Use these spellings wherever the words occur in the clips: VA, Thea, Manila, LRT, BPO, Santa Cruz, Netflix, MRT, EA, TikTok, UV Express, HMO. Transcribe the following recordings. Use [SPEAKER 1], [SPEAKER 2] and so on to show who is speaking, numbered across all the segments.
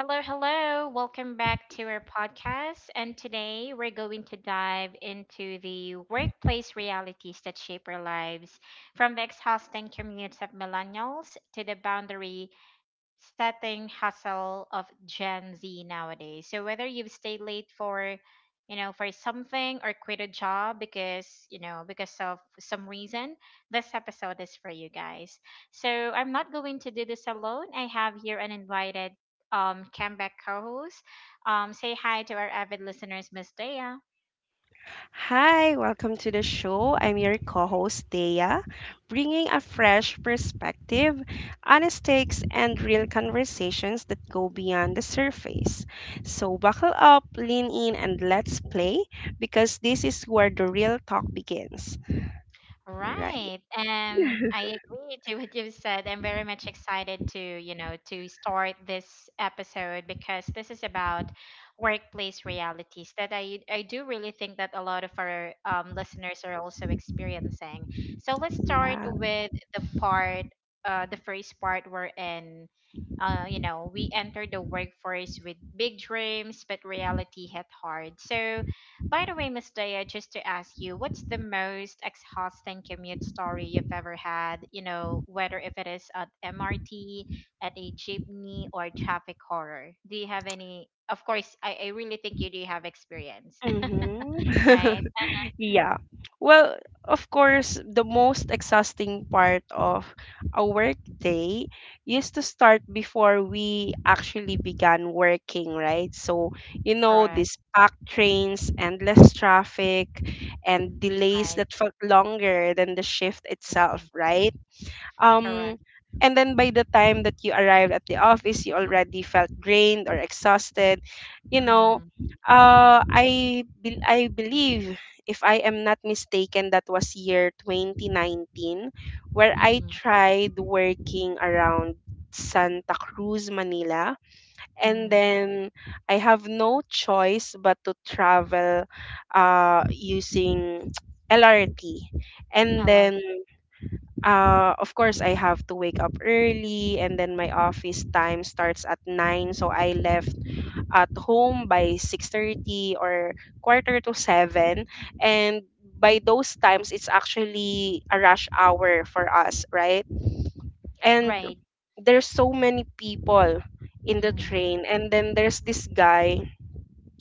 [SPEAKER 1] Hello, hello. Welcome back to our podcast. And today we're going to dive into the workplace realities that shape our lives from the exhausting commutes of millennials to the boundary setting hustle of Gen Z nowadays. So whether you've stayed late for, for something or quit a job because, because of some reason, this episode is for you guys. So I'm not going to do this alone. I have here an invited comeback co-host. Say hi to our avid listeners, Miss Dea.
[SPEAKER 2] Hi, welcome to the show. I'm your co host, Thea, bringing a fresh perspective, honest takes, and real conversations that go beyond the surface. So, buckle up, lean in, and let's play because this is where the real talk begins. Right.
[SPEAKER 1] Right. I agree to what you've said. I'm very much excited to, to start this episode because this is about workplace realities that I do really think that a lot of our listeners are also experiencing. So let's start
[SPEAKER 2] Yeah.
[SPEAKER 1] with the part, the first part we're in. You know, we enter the workforce with big dreams, but reality hit hard. So, by the way, Miss Daya, just to ask you, what's the most exhausting commute story you've ever had? You know, whether if it is at MRT, at a jeepney, or traffic horror. Do you have any? Of course, I really think you do have experience,
[SPEAKER 2] Mm-hmm.
[SPEAKER 1] right?
[SPEAKER 2] Yeah. Well, of course, the most exhausting part of a work day used to start before we actually began working, right? So, you know,
[SPEAKER 1] Correct,
[SPEAKER 2] these packed trains, endless traffic, and delays
[SPEAKER 1] right.
[SPEAKER 2] that felt longer than the shift itself,
[SPEAKER 1] Mm.
[SPEAKER 2] right? Um,
[SPEAKER 1] Correct.
[SPEAKER 2] and then by the time that you arrived at the office, you already felt drained or exhausted. You know,
[SPEAKER 1] Mm,
[SPEAKER 2] uh,
[SPEAKER 1] mm,
[SPEAKER 2] I bel I believe, if I am not mistaken, that was year 2019, where I
[SPEAKER 1] mm,
[SPEAKER 2] tried working around Santa Cruz, Manila, and
[SPEAKER 1] mm.
[SPEAKER 2] then I have no choice but to travel, using LRT, and
[SPEAKER 1] Alert.
[SPEAKER 2] then of course I have to wake up early and then my office time starts at 9, so I left at home by 6:30 or quarter to 7. And by those times, it's actually a rush hour for us, right? And
[SPEAKER 1] Right.
[SPEAKER 2] there's so many people in the
[SPEAKER 1] Mm.
[SPEAKER 2] train, and then there's this guy,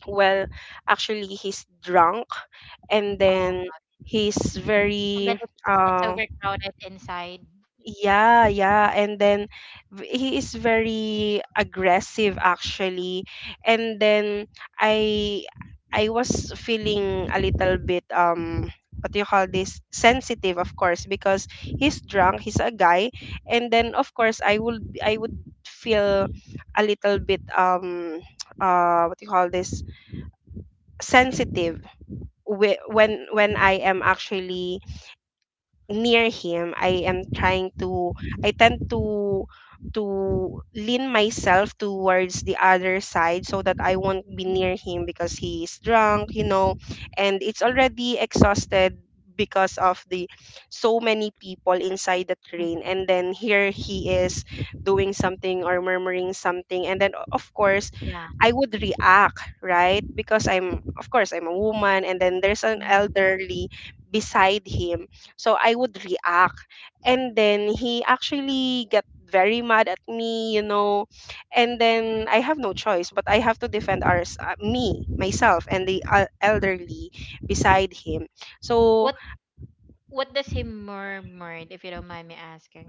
[SPEAKER 2] well, actually he's drunk, and
[SPEAKER 1] Oh,
[SPEAKER 2] then he's
[SPEAKER 1] and then
[SPEAKER 2] very
[SPEAKER 1] it's
[SPEAKER 2] uh
[SPEAKER 1] overcrowded inside.
[SPEAKER 2] Yeah, yeah. And then he is very aggressive, actually. And then I I was feeling a little bit what do you call this? Sensitive, of course, because he's drunk, he's a guy. And then of course I would feel a little bit what do you call this? Sensitive when I am actually near him.
[SPEAKER 1] Mm,
[SPEAKER 2] I tend to lean myself towards the other side so that I won't be near him because he's drunk, you know. And it's already exhausted because of the so many people inside the
[SPEAKER 1] mm.
[SPEAKER 2] train, and then here he is, doing something or murmuring something. And then, of course,
[SPEAKER 1] Yeah.
[SPEAKER 2] I would react, right? Because I'm, of course, I'm a woman, and then there's an
[SPEAKER 1] Mm.
[SPEAKER 2] elderly beside him. So I would react. And then he actually get very mad at me, you know. And then I have no choice, but I have to defend me, myself, and the elderly beside him. So
[SPEAKER 1] What does he murmured, if you don't mind me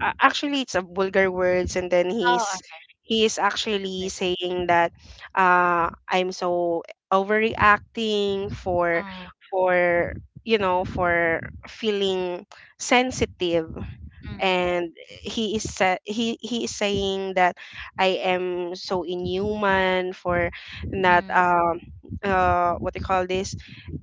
[SPEAKER 2] actually, it's a vulgar words, and then
[SPEAKER 1] Oh,
[SPEAKER 2] he is actually
[SPEAKER 1] alright.
[SPEAKER 2] saying that I'm so overreacting for
[SPEAKER 1] Mm,
[SPEAKER 2] for you know for feeling sensitive.
[SPEAKER 1] mm,
[SPEAKER 2] And he is saying that I am so inhuman for not
[SPEAKER 1] mm.
[SPEAKER 2] what they call this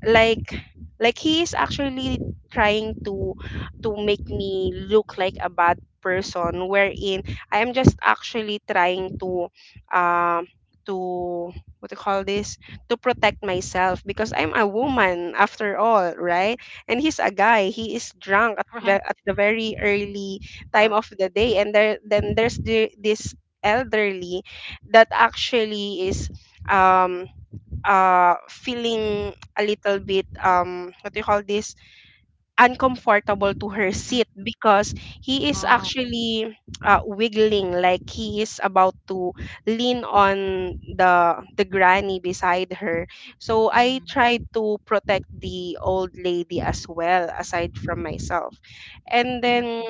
[SPEAKER 2] like like he is actually trying to make me look like a bad person, wherein I am just actually trying um to what do you call this to protect myself, because I'm a woman after all, right? And he's a guy, he is drunk
[SPEAKER 1] Right,
[SPEAKER 2] at the very early time
[SPEAKER 1] right.
[SPEAKER 2] of the day. And there then there's this elderly that actually is um feeling a little bit what do you call this uncomfortable to her
[SPEAKER 1] Mm.
[SPEAKER 2] seat because he is
[SPEAKER 1] Oh,
[SPEAKER 2] actually wiggling, like he is about to lean on the granny beside her. So I
[SPEAKER 1] mm,
[SPEAKER 2] tried to protect the old lady as well,
[SPEAKER 1] mm,
[SPEAKER 2] aside from myself. And then
[SPEAKER 1] mm,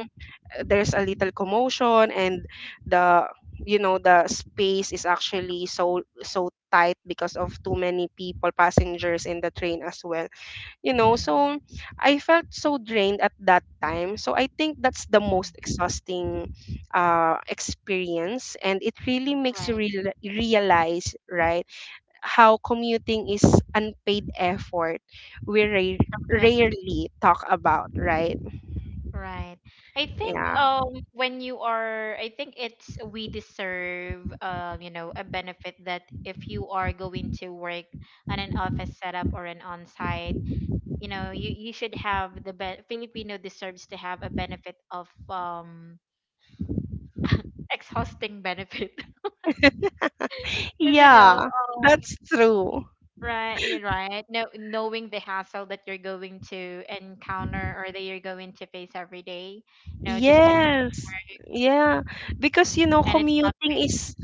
[SPEAKER 2] there's a little commotion, and the you know the space is actually so tight because of too many people passengers in the train as well, you know.
[SPEAKER 1] mm.
[SPEAKER 2] So I felt so drained at that time, so I think that's the
[SPEAKER 1] Yeah,
[SPEAKER 2] most exhausting experience, and it really makes you
[SPEAKER 1] right.
[SPEAKER 2] realize, right, how commuting is unpaid effort we
[SPEAKER 1] Correct,
[SPEAKER 2] rarely talk about, right?
[SPEAKER 1] right. I think
[SPEAKER 2] Yeah.
[SPEAKER 1] when you are, I think it's we deserve you know a benefit that if you are going to work on an office setup or an on-site, you know you should have the be- Filipino deserves to have a benefit of exhausting benefit. Because
[SPEAKER 2] Yeah,
[SPEAKER 1] um,
[SPEAKER 2] that's true.
[SPEAKER 1] right, you're right. No, knowing the hassle that you're going to encounter or that you're going to face every day, you know, just to go through,
[SPEAKER 2] Yes. Yeah, because you know
[SPEAKER 1] and it's not
[SPEAKER 2] commuting
[SPEAKER 1] paid.
[SPEAKER 2] is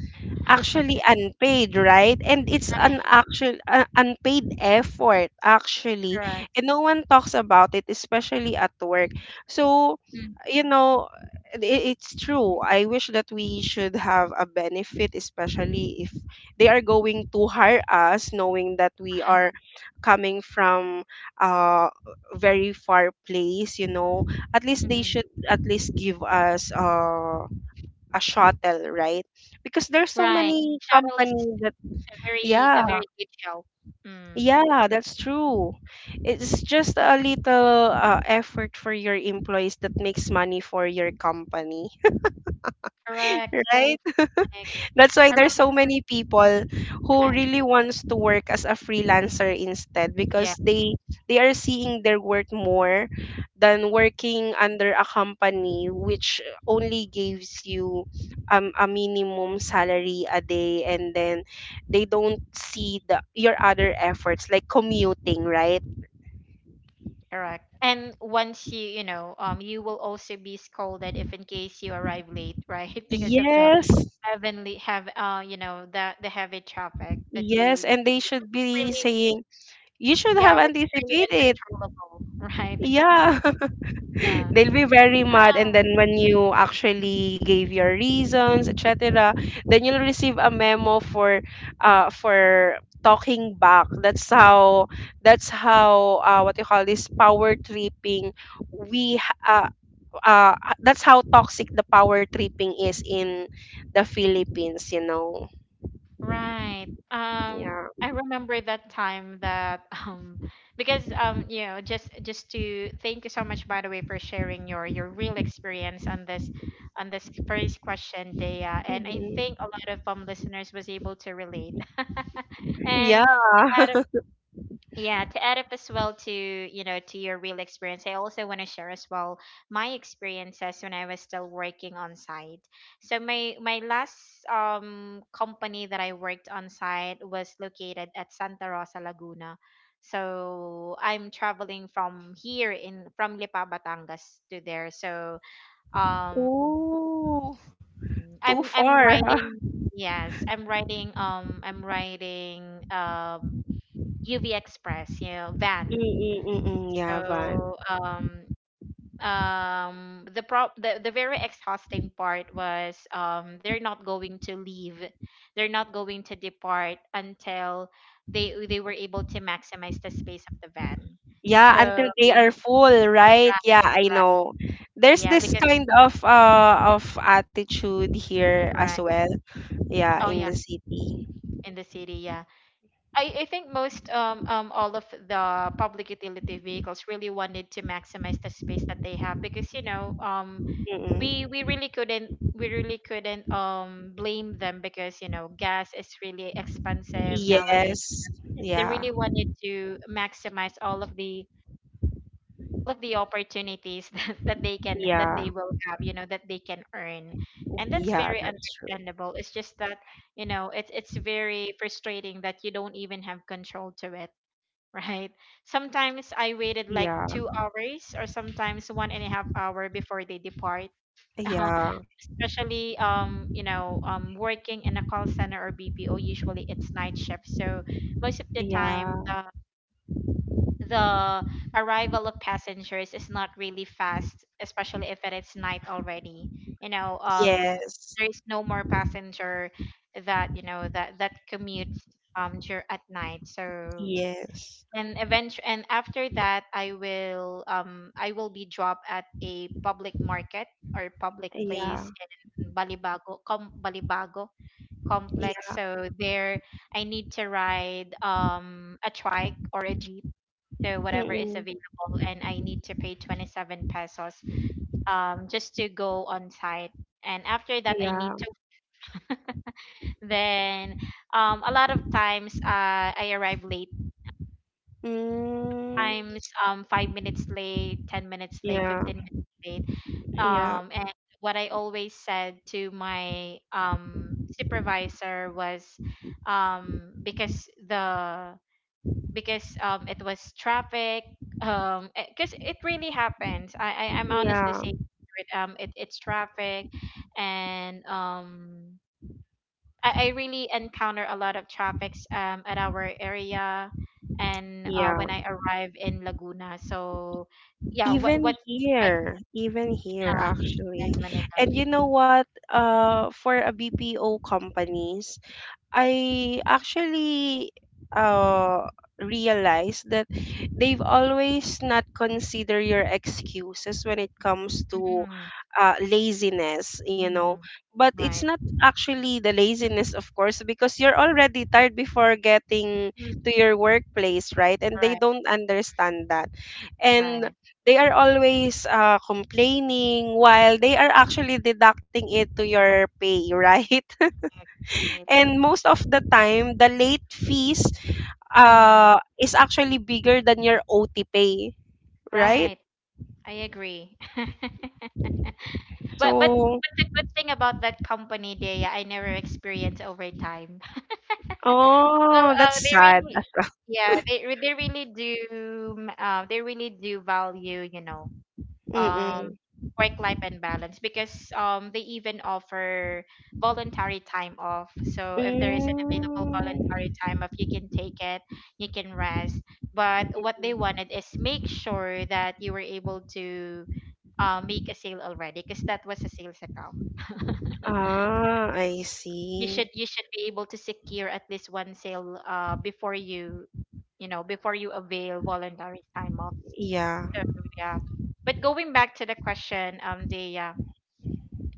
[SPEAKER 2] actually unpaid, right? And it's an
[SPEAKER 1] Right,
[SPEAKER 2] actual unpaid effort, actually,
[SPEAKER 1] correct.
[SPEAKER 2] and no one talks about it, especially at work. So,
[SPEAKER 1] Mm,
[SPEAKER 2] you know, it, it's true. I wish that we should have a benefit, especially if they are going to hire us, knowing that we
[SPEAKER 1] right,
[SPEAKER 2] are coming from a very far place. You know, at least they
[SPEAKER 1] mm,
[SPEAKER 2] should at least give us a shuttle, right? Because there's so
[SPEAKER 1] right.
[SPEAKER 2] many
[SPEAKER 1] Shuttle is
[SPEAKER 2] companies that... Yeah,
[SPEAKER 1] a very good show. Mm,
[SPEAKER 2] yeah, that's true. It's just a little effort for your employees that makes money for your company,
[SPEAKER 1] correct.
[SPEAKER 2] right?
[SPEAKER 1] I agree.
[SPEAKER 2] That's why
[SPEAKER 1] I
[SPEAKER 2] there's
[SPEAKER 1] remember.
[SPEAKER 2] so many people who
[SPEAKER 1] Right.
[SPEAKER 2] really wants to work as a freelancer instead,
[SPEAKER 1] Yeah,
[SPEAKER 2] because they are seeing their worth more than working under a company which only gives you a minimum salary a day, and then they don't see the your other efforts like commuting, right?
[SPEAKER 1] correct. And once you, you will also be scolded if in case you arrive late, right? Because of the
[SPEAKER 2] Yes.
[SPEAKER 1] heavenly have you know the heavy traffic that
[SPEAKER 2] Yes, and
[SPEAKER 1] you,
[SPEAKER 2] they should
[SPEAKER 1] which is
[SPEAKER 2] be
[SPEAKER 1] really
[SPEAKER 2] saying you should
[SPEAKER 1] yeah
[SPEAKER 2] have
[SPEAKER 1] which is really
[SPEAKER 2] anticipated.
[SPEAKER 1] uncontrollable right
[SPEAKER 2] Yeah.
[SPEAKER 1] yeah.
[SPEAKER 2] They'll be very mad,
[SPEAKER 1] Ah,
[SPEAKER 2] and then when you actually gave your reasons, etc., then you'll receive a memo for talking back. That's how. That's how. What you call this, power tripping. We. ha- Uh, that's how toxic the power tripping is in the Philippines. You know.
[SPEAKER 1] right.
[SPEAKER 2] Yeah.
[SPEAKER 1] I remember that time that because you know just to thank you so much by the way for sharing your real experience on this first question Dea and I
[SPEAKER 2] Mhm.
[SPEAKER 1] think a lot of listeners was able to relate and
[SPEAKER 2] Yeah.
[SPEAKER 1] to add. Yeah, to add up as well to, you know, to your real experience, I also want to share as well my experiences when I was still working on site. So my last company that I worked on site was located at Santa Rosa, Laguna. So I'm traveling from here in from Lipa, Batangas to there. So um
[SPEAKER 2] Ooh,
[SPEAKER 1] mm,
[SPEAKER 2] too
[SPEAKER 1] I'm
[SPEAKER 2] far. Huh?
[SPEAKER 1] riding yes, I'm riding UV Express, you know, van.
[SPEAKER 2] Mm-mm-mm, yeah, Van.
[SPEAKER 1] So the the very exhausting part was they're not going to leave. They're not going to depart until they were able to maximize the space of the van.
[SPEAKER 2] Yeah,
[SPEAKER 1] So
[SPEAKER 2] until they are full, right?
[SPEAKER 1] right,
[SPEAKER 2] Yeah, I
[SPEAKER 1] right.
[SPEAKER 2] know. There's
[SPEAKER 1] Yeah,
[SPEAKER 2] this
[SPEAKER 1] because
[SPEAKER 2] kind of of attitude here as
[SPEAKER 1] right.
[SPEAKER 2] well. Yeah,
[SPEAKER 1] Oh
[SPEAKER 2] in the
[SPEAKER 1] yeah,
[SPEAKER 2] city.
[SPEAKER 1] in the city, yeah. I think most all of the public utility vehicles really wanted to maximize the space that they have because you know we
[SPEAKER 2] Mm-mm.
[SPEAKER 1] we really couldn't we really couldn't blame them because you know gas is really expensive nowadays
[SPEAKER 2] Yes.
[SPEAKER 1] they
[SPEAKER 2] Yeah.
[SPEAKER 1] really wanted to maximize all of the opportunities that, they can that
[SPEAKER 2] Yeah.
[SPEAKER 1] they will have you know that they can earn and that's
[SPEAKER 2] Yeah,
[SPEAKER 1] very
[SPEAKER 2] that's true.
[SPEAKER 1] understandable it's just that you know it's very frustrating that you don't even have control to it right sometimes I waited like
[SPEAKER 2] Yeah.
[SPEAKER 1] 2 hours or sometimes 1.5 hours before they depart uh,
[SPEAKER 2] Yeah.
[SPEAKER 1] especially you know working in a call center or BPO usually it's night shift so most of the
[SPEAKER 2] Yeah.
[SPEAKER 1] time the arrival of passengers is not really fast especially if it is night already you know
[SPEAKER 2] Yes.
[SPEAKER 1] there is no more passenger that you know that commutes at night so
[SPEAKER 2] Yes.
[SPEAKER 1] and eventually and after that I will be dropped at a public market or public
[SPEAKER 2] Yeah.
[SPEAKER 1] place in balibago complex
[SPEAKER 2] Yeah.
[SPEAKER 1] so there I need to ride a trike or a jeep so whatever is
[SPEAKER 2] Mm-mm.
[SPEAKER 1] available and I need to pay 27 pesos just to go on site and after that I
[SPEAKER 2] Yeah.
[SPEAKER 1] need to then a lot of times I arrive late
[SPEAKER 2] Mm.
[SPEAKER 1] times 5 minutes late, 10 minutes late,
[SPEAKER 2] Yeah.
[SPEAKER 1] 15 minutes late.
[SPEAKER 2] Yeah.
[SPEAKER 1] And what I always said to my supervisor was, because the because it was traffic um because it really happens. I'm honestly
[SPEAKER 2] Yeah.
[SPEAKER 1] saying it, it, it's traffic and I really encounter a lot of traffics at our area and
[SPEAKER 2] Yeah.
[SPEAKER 1] when I arrive in Laguna. So yeah, what like
[SPEAKER 2] Even here
[SPEAKER 1] uh,
[SPEAKER 2] actually.
[SPEAKER 1] in Manila.
[SPEAKER 2] And you know what? For a BPO companies, I actually uh realized that they've always not consider your excuses when it comes to
[SPEAKER 1] Mm,
[SPEAKER 2] laziness, you know.
[SPEAKER 1] mm,
[SPEAKER 2] But it's
[SPEAKER 1] right.
[SPEAKER 2] not actually the laziness, of course, because you're already tired before getting
[SPEAKER 1] Mm,
[SPEAKER 2] to your workplace, right? And they
[SPEAKER 1] right.
[SPEAKER 2] don't understand that. And
[SPEAKER 1] Right.
[SPEAKER 2] they are always complaining while they are actually deducting it to your pay, right?
[SPEAKER 1] Right.
[SPEAKER 2] And most of the time the late fees
[SPEAKER 1] Mm,
[SPEAKER 2] is actually bigger than your OT pay, right?
[SPEAKER 1] right. I agree.
[SPEAKER 2] So...
[SPEAKER 1] But the good thing about that company, Dea, I never experienced overtime. Well,
[SPEAKER 2] Oh, that's
[SPEAKER 1] they
[SPEAKER 2] sad
[SPEAKER 1] really,
[SPEAKER 2] as well.
[SPEAKER 1] yeah, they really do, they really do value, you know, um,
[SPEAKER 2] Mm-mm.
[SPEAKER 1] work life and balance because they even offer voluntary time off. So if there is an available
[SPEAKER 2] Mm.
[SPEAKER 1] voluntary time off, you can take it, you can rest. But what they wanted is make sure that you were able to make a sale already because that was a sales account.
[SPEAKER 2] Ah, I see.
[SPEAKER 1] You should be able to secure at least one sale before you you know before you avail voluntary time off
[SPEAKER 2] Yeah.
[SPEAKER 1] so yeah but going back to the question Dea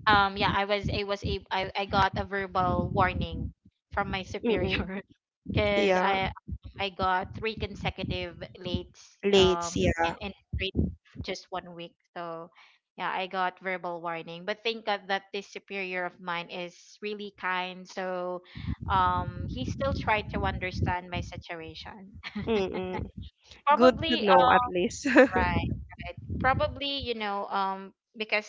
[SPEAKER 1] yeah I got a verbal warning from my
[SPEAKER 2] Mm-mm.
[SPEAKER 1] superior because
[SPEAKER 2] Yeah.
[SPEAKER 1] I got three consecutive late
[SPEAKER 2] Lates,
[SPEAKER 1] um
[SPEAKER 2] yeah.
[SPEAKER 1] and straight just one week so yeah I got verbal warning but thank god that this superior of mine is really kind so he still tried to understand my situation
[SPEAKER 2] Mm-mm. Good to
[SPEAKER 1] probably
[SPEAKER 2] know at least.
[SPEAKER 1] right, right. Probably, you know, because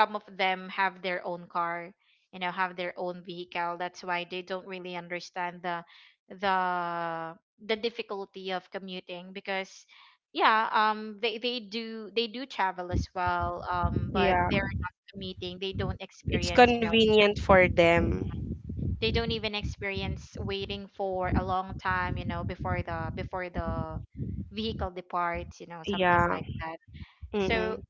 [SPEAKER 1] some of them have their own car, you know, have their own vehicle. That's why they don't really understand the the difficulty of commuting because yeah, they do travel as well, but
[SPEAKER 2] Yeah.
[SPEAKER 1] they're not commuting. They don't
[SPEAKER 2] It's
[SPEAKER 1] experience, you know,
[SPEAKER 2] convenient for them.
[SPEAKER 1] they don't even experience waiting for a long time, you know, before the vehicle departs, you know, something
[SPEAKER 2] Yeah.
[SPEAKER 1] like that. So
[SPEAKER 2] Mm-mm.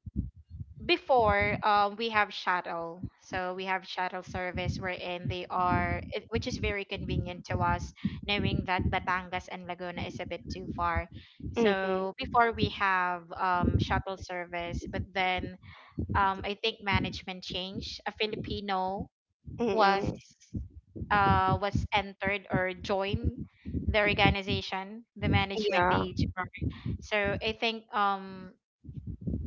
[SPEAKER 1] before we have shuttle so we have shuttle service wherein they are it, which is very convenient to us knowing that batangas and laguna is a bit too far
[SPEAKER 2] mm
[SPEAKER 1] so
[SPEAKER 2] hmm
[SPEAKER 1] before we have shuttle service but then I think management changed a filipino was
[SPEAKER 2] Mm-mm.
[SPEAKER 1] was entered or joined the organization the management
[SPEAKER 2] Yeah.
[SPEAKER 1] the hr so I think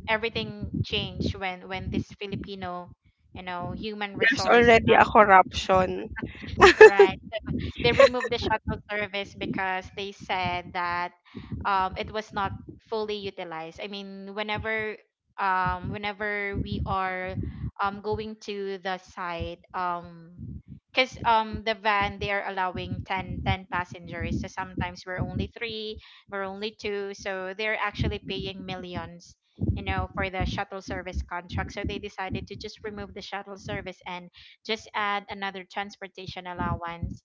[SPEAKER 1] everything changed when this Filipino, you know, human
[SPEAKER 2] There's
[SPEAKER 1] resource,
[SPEAKER 2] already a corruption.
[SPEAKER 1] right? They removed the shuttle service because they said that it was not fully utilized. I mean, whenever whenever we are going to the site, because the van they are allowing 10 passengers, so sometimes we're only three, we're only two, so they're actually paying millions. You know, for the shuttle service contract. So they decided to just remove the shuttle service and just add another transportation allowance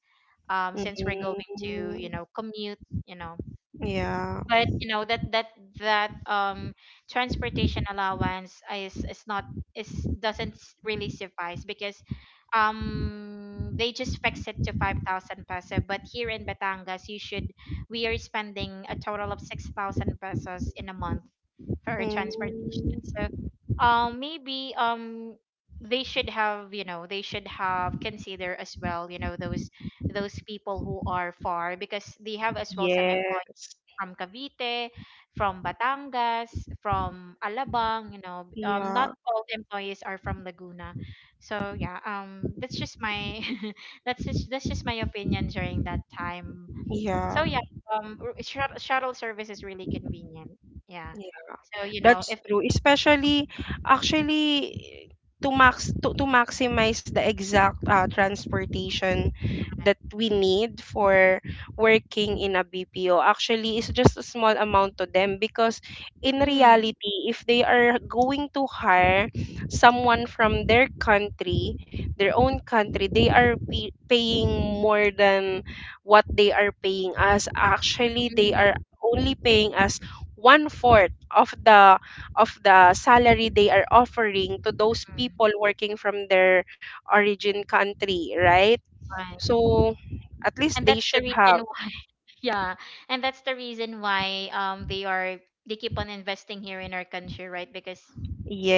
[SPEAKER 1] since we're going to you
[SPEAKER 2] Mm,
[SPEAKER 1] know commute you know
[SPEAKER 2] yeah.
[SPEAKER 1] but you know that transportation allowance is not is doesn't really suffice because they just fix it to 5,000 peso but here in Batangas you should we are spending a total of 6,000 pesos in a month for our
[SPEAKER 2] Mm,
[SPEAKER 1] transportation so maybe they should have you know they should have consider as well you know those people who are far because they have as well some employees
[SPEAKER 2] yes.
[SPEAKER 1] from Cavite, from Batangas, from Alabang, you know.
[SPEAKER 2] Yeah.
[SPEAKER 1] Not all employees are from Laguna. So yeah, that's just my that's just my opinion during that time.
[SPEAKER 2] Yeah.
[SPEAKER 1] So yeah, shuttle service is really convenient. Yeah. So you know,
[SPEAKER 2] That's
[SPEAKER 1] if
[SPEAKER 2] true. Especially, actually, to maximize the exact transportation that we need for working in a BPO, actually it's just a small amount to them, because in
[SPEAKER 1] mm,
[SPEAKER 2] reality if they are going to hire someone from their country, their own country, they are paying more than what they are paying us. Actually they
[SPEAKER 1] mm,
[SPEAKER 2] are only paying us one fourth of the salary they are offering to those people working from their origin country, right?
[SPEAKER 1] right.
[SPEAKER 2] So at
[SPEAKER 1] And
[SPEAKER 2] least they
[SPEAKER 1] that's the
[SPEAKER 2] should have...
[SPEAKER 1] reason why yeah. And that's the reason why they are they keep on investing here in our country, right? Because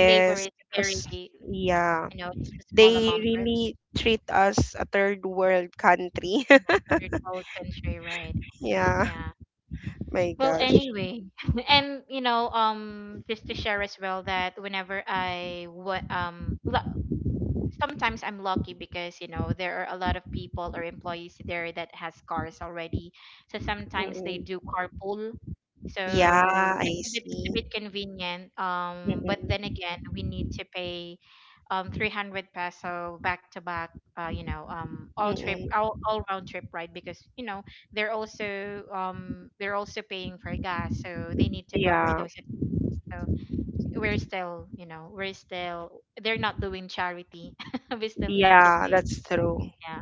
[SPEAKER 1] labor is very
[SPEAKER 2] because
[SPEAKER 1] you
[SPEAKER 2] yeah,
[SPEAKER 1] know, just a small
[SPEAKER 2] they
[SPEAKER 1] amount for the
[SPEAKER 2] really treat us a third world country.
[SPEAKER 1] you know, third world country, right?
[SPEAKER 2] Yeah,
[SPEAKER 1] Yeah.
[SPEAKER 2] my
[SPEAKER 1] Well,
[SPEAKER 2] gosh.
[SPEAKER 1] anyway, just to share as well that whenever I sometimes I'm lucky because there are a lot of people or employees there that has cars already. So sometimes they
[SPEAKER 2] Mm-mm.
[SPEAKER 1] do carpool.
[SPEAKER 2] Yeah,
[SPEAKER 1] So
[SPEAKER 2] I
[SPEAKER 1] it's a
[SPEAKER 2] see.
[SPEAKER 1] bit convenient. But
[SPEAKER 2] Mm-mm.
[SPEAKER 1] then again, we need to pay 300 peso back to back. All trip,
[SPEAKER 2] Mm-mm.
[SPEAKER 1] all round trip, right? Because they're also paying for gas, so they need to cover
[SPEAKER 2] Yeah,
[SPEAKER 1] those. So we're still we're still, they're not doing charity. We still need to
[SPEAKER 2] yeah,
[SPEAKER 1] pay.
[SPEAKER 2] that's true.
[SPEAKER 1] Yeah.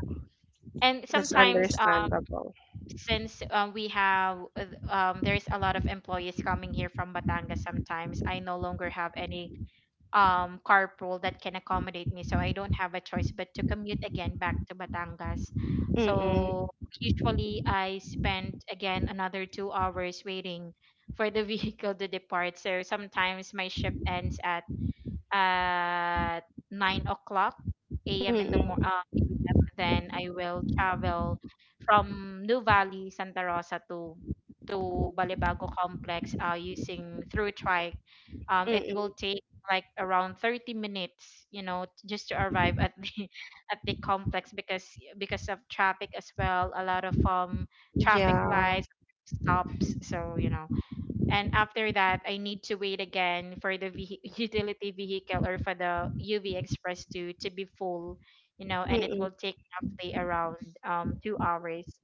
[SPEAKER 1] And
[SPEAKER 2] That's
[SPEAKER 1] sometimes
[SPEAKER 2] understandable.
[SPEAKER 1] since we have there's a lot of employees coming here from Batangas. Sometimes I no longer have any carpool that can accommodate me, so I don't have a choice but to commute again back to Batangas. So
[SPEAKER 2] Mm-mm.
[SPEAKER 1] usually I spend again another 2 hours waiting for the vehicle to depart. So sometimes my shift ends at 9 o'clock a.m. in the morning,
[SPEAKER 2] Mm-mm.
[SPEAKER 1] a.m. Then I will travel from New Valley, Santa Rosa to Balibago Complex, using through trike. It will
[SPEAKER 2] Mm-mm.
[SPEAKER 1] take like around 30 minutes, just to arrive at the at the complex, because of traffic as well. A lot of traffic
[SPEAKER 2] Yeah.
[SPEAKER 1] lights, stops. So, and after that I need to wait again for the utility vehicle or for the UV Express to be full, and it
[SPEAKER 2] Mm-mm.
[SPEAKER 1] will take roughly around 2 hours.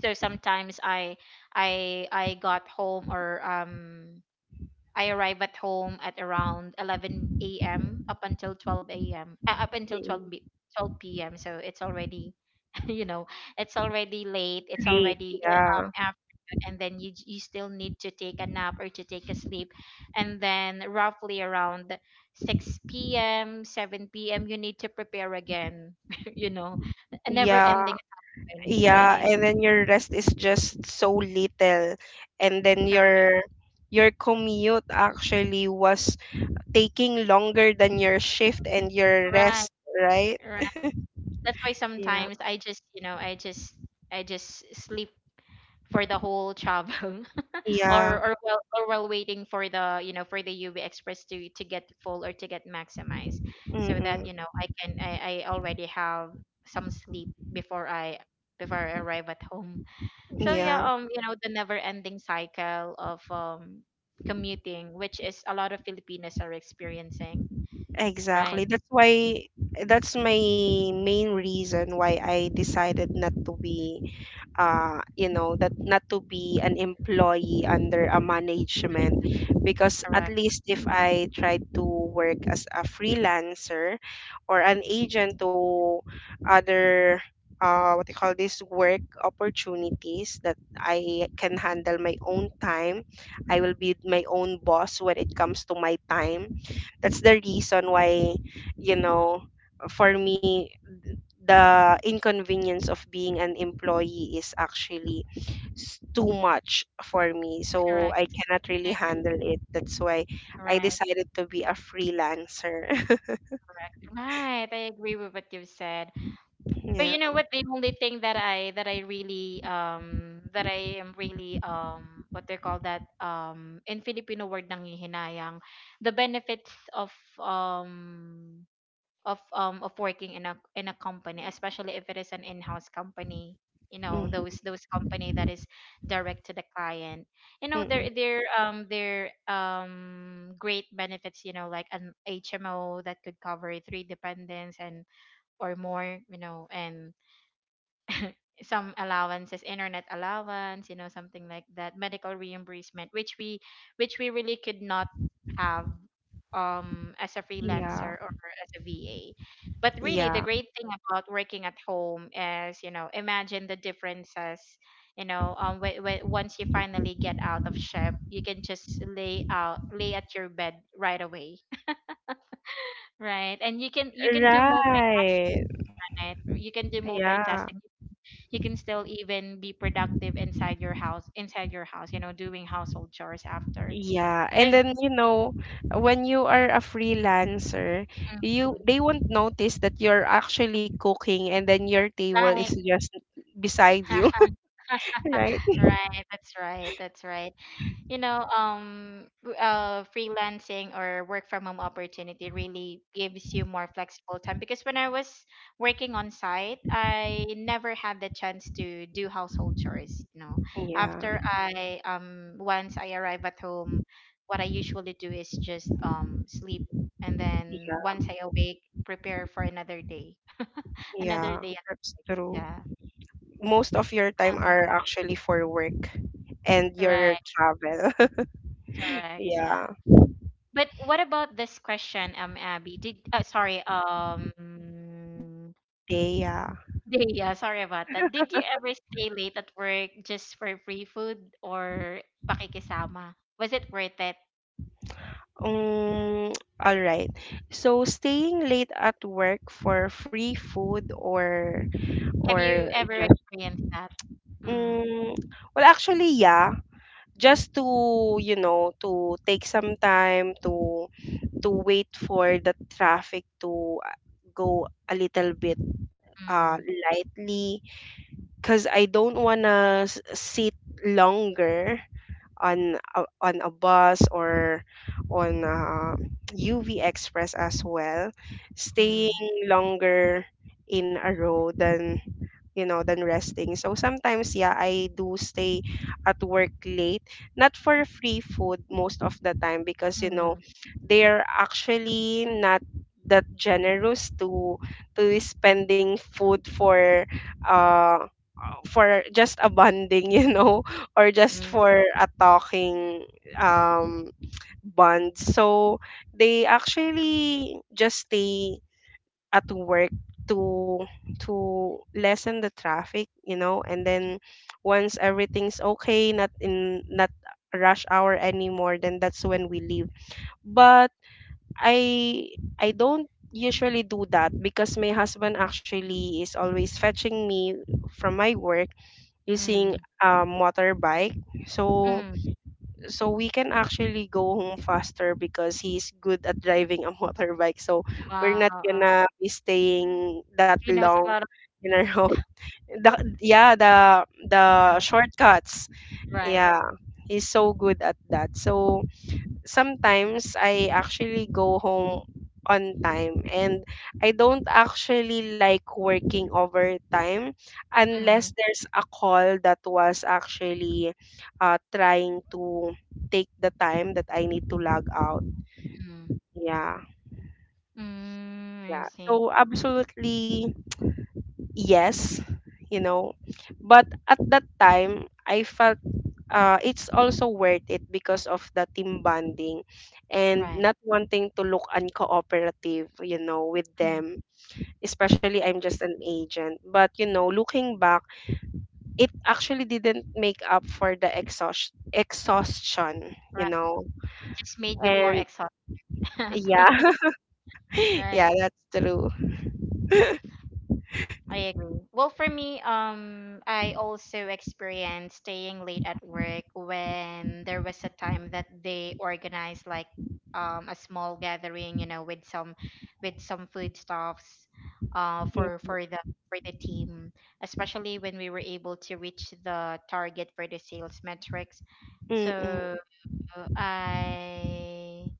[SPEAKER 1] So sometimes I got home, or I arrive at home at around 11 a.m up until 12 a.m, up until
[SPEAKER 2] Mm-mm.
[SPEAKER 1] 12 p.m. So it's already you know it's already late, it's
[SPEAKER 2] Late.
[SPEAKER 1] already
[SPEAKER 2] Yeah.
[SPEAKER 1] afternoon. And then you still need to take a nap or to take a sleep. And then roughly around 6 p.m, 7 p.m, you need to prepare again. you know a never
[SPEAKER 2] Yeah.
[SPEAKER 1] ending cycle,
[SPEAKER 2] Yeah.
[SPEAKER 1] right?
[SPEAKER 2] And then your rest is just so little. And then
[SPEAKER 1] Correct.
[SPEAKER 2] your commute actually was taking longer than your shift and your
[SPEAKER 1] Right.
[SPEAKER 2] rest, right?
[SPEAKER 1] Right. That's why
[SPEAKER 2] Yeah.
[SPEAKER 1] sometimes I just I just I just sleep for the whole travel.
[SPEAKER 2] Yeah.
[SPEAKER 1] Or while, or while waiting for the for the UV Express to get full, or to get maximized, so that
[SPEAKER 2] Mm-mm.
[SPEAKER 1] I can I already have some sleep before I arrive at home. So yeah,
[SPEAKER 2] Yeah.
[SPEAKER 1] the never ending cycle of commuting, which is a lot of Filipinos are experiencing.
[SPEAKER 2] Exactly.
[SPEAKER 1] Right.
[SPEAKER 2] That's why that's my main reason why I decided not to be you know, that not to be an employee under a management. Because at
[SPEAKER 1] Correct.
[SPEAKER 2] least if I try to work as a freelancer or an agent to other what you call this, work opportunities that I can handle my own time. I will be my own boss when it comes to my time. That's the reason why, you know, for me the inconvenience of being an employee is actually too much for me. So I
[SPEAKER 1] Correct.
[SPEAKER 2] cannot really
[SPEAKER 1] I agree.
[SPEAKER 2] handle it. That's why I
[SPEAKER 1] Right.
[SPEAKER 2] decided to be a freelancer.
[SPEAKER 1] Correct. Right. I agree with what you said.
[SPEAKER 2] Yeah.
[SPEAKER 1] But you know what? The only thing that I really that I am really what they call that in Filipino word, nangihinayang, the benefits of um of working in a company, especially if it is an in-house company. You know
[SPEAKER 2] Mm-hmm.
[SPEAKER 1] those company that is direct to the client. You know
[SPEAKER 2] Mm-mm.
[SPEAKER 1] their their great benefits. You know, like an HMO that could cover three dependents and or more. You know, and some allowances, internet allowance, something like that, medical reimbursement, which we really could not have as a
[SPEAKER 2] Yeah.
[SPEAKER 1] freelancer or as a VA. But really, the
[SPEAKER 2] Yeah.
[SPEAKER 1] great thing about working at home is, imagine the differences. Once you finally get out of shift, you can just lay out, lay at your bed right away. Right, and you can do multitasking,
[SPEAKER 2] Right.
[SPEAKER 1] right? You can do
[SPEAKER 2] Yeah.
[SPEAKER 1] multitasking. You can still even be productive inside your house, you know, doing household chores after.
[SPEAKER 2] Yeah. And
[SPEAKER 1] Because
[SPEAKER 2] then, you know, when you are a freelancer, you they won't notice that you're actually cooking, and then your table
[SPEAKER 1] right.
[SPEAKER 2] is just beside you, right?
[SPEAKER 1] Right, that's right, that's right. Freelancing or work from home opportunity really gives you more flexible time. Because when I was working on site, I never had the chance to do household chores, you know.
[SPEAKER 2] Yeah.
[SPEAKER 1] After I once I arrive at home, what I usually do is just sleep. And then once I awake, prepare for another day.
[SPEAKER 2] Yeah,
[SPEAKER 1] Another day.
[SPEAKER 2] that's true.
[SPEAKER 1] Yeah.
[SPEAKER 2] Most of your time
[SPEAKER 1] Um,
[SPEAKER 2] are actually for work and your
[SPEAKER 1] right.
[SPEAKER 2] travel.
[SPEAKER 1] Correct. Yeah.
[SPEAKER 2] Yeah,
[SPEAKER 1] But what about this question, Abby? Did sorry,
[SPEAKER 2] yeah.
[SPEAKER 1] Dea, sorry about that. Did you ever stay late at work just for free food or pakikisama? Was it worth it?
[SPEAKER 2] Um, all right. So staying late at work for free food or
[SPEAKER 1] Have you
[SPEAKER 2] or
[SPEAKER 1] ever
[SPEAKER 2] just
[SPEAKER 1] experienced that? Mm,
[SPEAKER 2] um, well actually yeah, just to you know to take some time to wait for the traffic to go a little bit uh
[SPEAKER 1] mm,
[SPEAKER 2] lightly, because I don't wanna sit longer on a bus or on UV Express as well.
[SPEAKER 1] mm,
[SPEAKER 2] Staying longer in a row than, you know, than resting. So sometimes yeah, I do stay at work late, not for free food most of the time, because you know
[SPEAKER 1] mm,
[SPEAKER 2] they're actually not that generous to spending food uh for just a bonding, you know, or just
[SPEAKER 1] mm,
[SPEAKER 2] for a talking um bond. So they actually just stay at work to to lessen the traffic, you know, and then once everything's okay, not in not rush hour anymore, then that's when we leave. But I I don't usually do that, because my husband actually is always fetching me from my work using
[SPEAKER 1] mm,
[SPEAKER 2] a motorbike. So
[SPEAKER 1] mm.
[SPEAKER 2] so we can actually go home faster because he's good at driving a motorbike. So we're
[SPEAKER 1] Wow,
[SPEAKER 2] not gonna be staying that
[SPEAKER 1] she knows
[SPEAKER 2] long
[SPEAKER 1] a lot of
[SPEAKER 2] in our home.
[SPEAKER 1] things.
[SPEAKER 2] The
[SPEAKER 1] You.
[SPEAKER 2] shortcuts.
[SPEAKER 1] Right.
[SPEAKER 2] Yeah, he's so good at that. So sometimes I actually go home on time, and I don't actually like working overtime unless
[SPEAKER 1] Mm,
[SPEAKER 2] there's a call that was actually trying to take the time that I need to log out.
[SPEAKER 1] mm,
[SPEAKER 2] Yeah,
[SPEAKER 1] mm, I
[SPEAKER 2] yeah.
[SPEAKER 1] see.
[SPEAKER 2] So absolutely yes, you know. But at that time, I felt it's also worth it because of the team bonding and
[SPEAKER 1] Right.
[SPEAKER 2] not wanting to look uncooperative, you know, with
[SPEAKER 1] Mm.
[SPEAKER 2] them. Especially,
[SPEAKER 1] I-
[SPEAKER 2] I'm just an agent. But, you know, looking back, it actually didn't make up for the exhaustion, you
[SPEAKER 1] Right.
[SPEAKER 2] know.
[SPEAKER 1] It just made you more
[SPEAKER 2] And
[SPEAKER 1] exhausted.
[SPEAKER 2] Yeah, yeah,
[SPEAKER 1] Right.
[SPEAKER 2] that's true.
[SPEAKER 1] I agree. Well, for me, I also experienced staying late at work when there was a time that they organized like a small gathering, you know, with some food stuffs for
[SPEAKER 2] Mm.
[SPEAKER 1] for the team, especially when we were able to reach the target for the sales metrics.
[SPEAKER 2] Mm-mm.
[SPEAKER 1] So I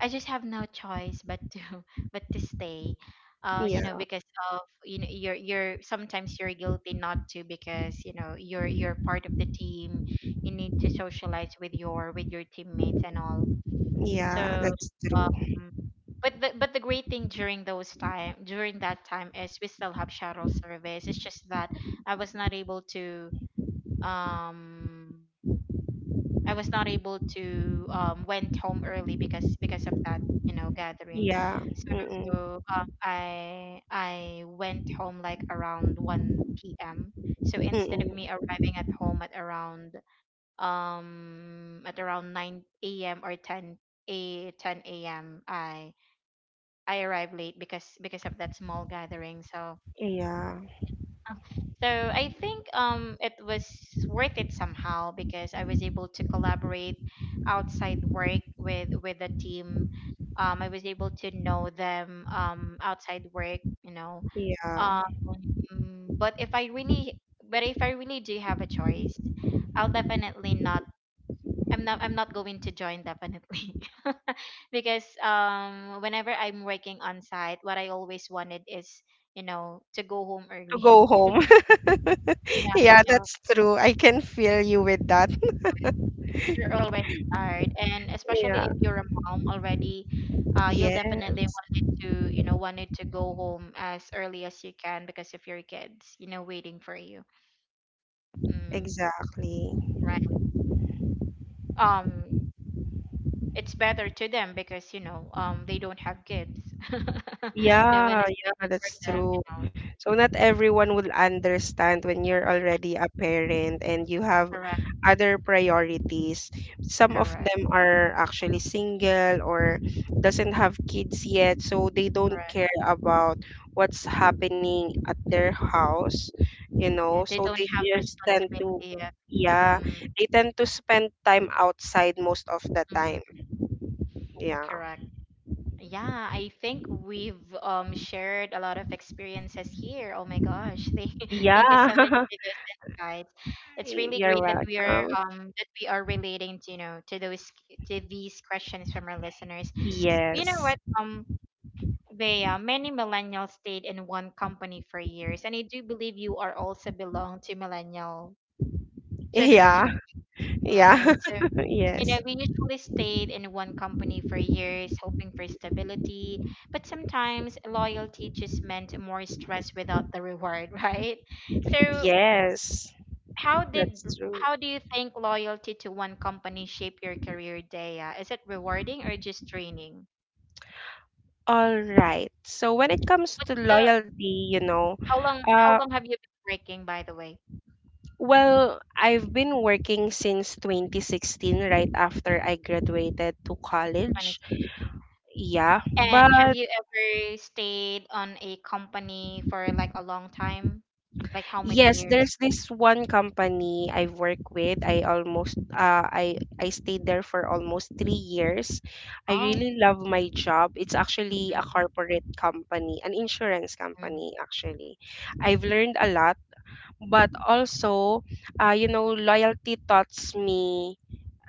[SPEAKER 1] I just have no choice but to but to stay. Uh, you
[SPEAKER 2] Yeah,
[SPEAKER 1] know, because of you're sometimes you're guilty not to, because you know you're part of the team. You need to socialize with your teammates and all.
[SPEAKER 2] yeah,
[SPEAKER 1] So,
[SPEAKER 2] that's true.
[SPEAKER 1] um, but the great thing during those time, during that time, is we still have shuttle service. It's just that I was not able to um I was not able to went home early, because of that gathering.
[SPEAKER 2] Yeah, mm-mm.
[SPEAKER 1] So I went home like around 1 p.m. So instead of me
[SPEAKER 2] Mm-mm.
[SPEAKER 1] arriving at home at around 9 a.m. or 10 a.m., I arrived late because of that small gathering. So
[SPEAKER 2] Yeah,
[SPEAKER 1] I think it was worth it somehow, because I was able to collaborate outside work with the team. I was able to know them outside work, you know.
[SPEAKER 2] yeah.
[SPEAKER 1] Um, but if I really, but if I really do have a choice, I'll definitely not. I'm not. I'm not going to join, definitely. Because whenever I'm working on site, what I always wanted is to go home
[SPEAKER 2] To go
[SPEAKER 1] early.
[SPEAKER 2] home. Yeah,
[SPEAKER 1] Yeah.
[SPEAKER 2] that's true. I can feel you with that.
[SPEAKER 1] Because you're already tired, and especially
[SPEAKER 2] Yeah.
[SPEAKER 1] if you're a mom already, you'll
[SPEAKER 2] Yeah,
[SPEAKER 1] definitely wanted to wanted to go home as early as you can because of your kids, you know, waiting for you. Mm,
[SPEAKER 2] exactly.
[SPEAKER 1] right. um it's better to them because they don't have kids. No one
[SPEAKER 2] Yeah,
[SPEAKER 1] is
[SPEAKER 2] yeah,
[SPEAKER 1] waiting for
[SPEAKER 2] that's
[SPEAKER 1] them,
[SPEAKER 2] true.
[SPEAKER 1] you know.
[SPEAKER 2] So not everyone will understand when you're already a parent and you have
[SPEAKER 1] Correct.
[SPEAKER 2] other priorities. Some of
[SPEAKER 1] Correct.
[SPEAKER 2] them are actually single or doesn't have kids yet, so they don't
[SPEAKER 1] Correct.
[SPEAKER 2] care about what's happening at their
[SPEAKER 1] Mhm.
[SPEAKER 2] house, you know.
[SPEAKER 1] Yeah, they
[SPEAKER 2] So
[SPEAKER 1] don't
[SPEAKER 2] they
[SPEAKER 1] have
[SPEAKER 2] just tend to,
[SPEAKER 1] responsibility yet.
[SPEAKER 2] yeah,
[SPEAKER 1] Mm.
[SPEAKER 2] they tend to spend time outside most of the time.
[SPEAKER 1] Mhm.
[SPEAKER 2] Yeah.
[SPEAKER 1] Correct. Yeah, I think we've shared a lot of experiences here. Oh my gosh. Thank thank you
[SPEAKER 2] Yeah.
[SPEAKER 1] so much for those insights. It's really
[SPEAKER 2] You're
[SPEAKER 1] great
[SPEAKER 2] welcome.
[SPEAKER 1] that we are relating to, you know, to those to these questions from our listeners. You know
[SPEAKER 2] Yes.
[SPEAKER 1] what? They many millennials stayed in one company for years, and I do believe you are also belong to millennial
[SPEAKER 2] Yeah.
[SPEAKER 1] generation,
[SPEAKER 2] Yeah.
[SPEAKER 1] right? So you know,
[SPEAKER 2] Yes.
[SPEAKER 1] we usually stayed in one company for years, hoping for stability. But sometimes loyalty just meant more stress without the reward, right? So,
[SPEAKER 2] Yes.
[SPEAKER 1] how did
[SPEAKER 2] That's true.
[SPEAKER 1] how do you think loyalty to one company shape your career, Daya? Is it rewarding or just draining?
[SPEAKER 2] All right. So when it comes
[SPEAKER 1] What's
[SPEAKER 2] to
[SPEAKER 1] the
[SPEAKER 2] loyalty, you know,
[SPEAKER 1] how
[SPEAKER 2] uh,
[SPEAKER 1] long have you been working, by the way?
[SPEAKER 2] well, I've been working since 2016, right after I graduated to college.
[SPEAKER 1] 2016.
[SPEAKER 2] Yeah.
[SPEAKER 1] And have
[SPEAKER 2] But
[SPEAKER 1] you ever stayed on a company for like a long time? Like how many
[SPEAKER 2] yes,
[SPEAKER 1] years?
[SPEAKER 2] there's this one company I work with. I stayed there for almost 3 years. I
[SPEAKER 1] Oh,
[SPEAKER 2] really love my job. It's actually a
[SPEAKER 1] mhm,
[SPEAKER 2] corporate company, an insurance
[SPEAKER 1] mhm.
[SPEAKER 2] company actually. I've learned a lot, but also you know, loyalty taught me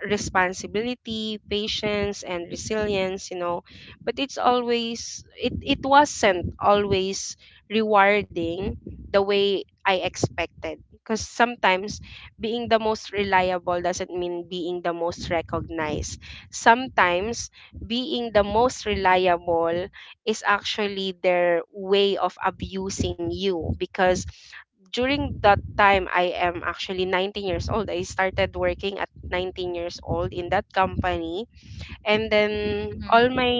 [SPEAKER 2] responsibility, patience, and resilience, you know. But it wasn't always rewarding the way I expected. Because sometimes being the most reliable doesn't mean being the most recognized. Sometimes being the most reliable is actually their way of abusing you because during that time I am actually 19 years old. I started working at 19 years old in that company, and then
[SPEAKER 1] Mhm,
[SPEAKER 2] all my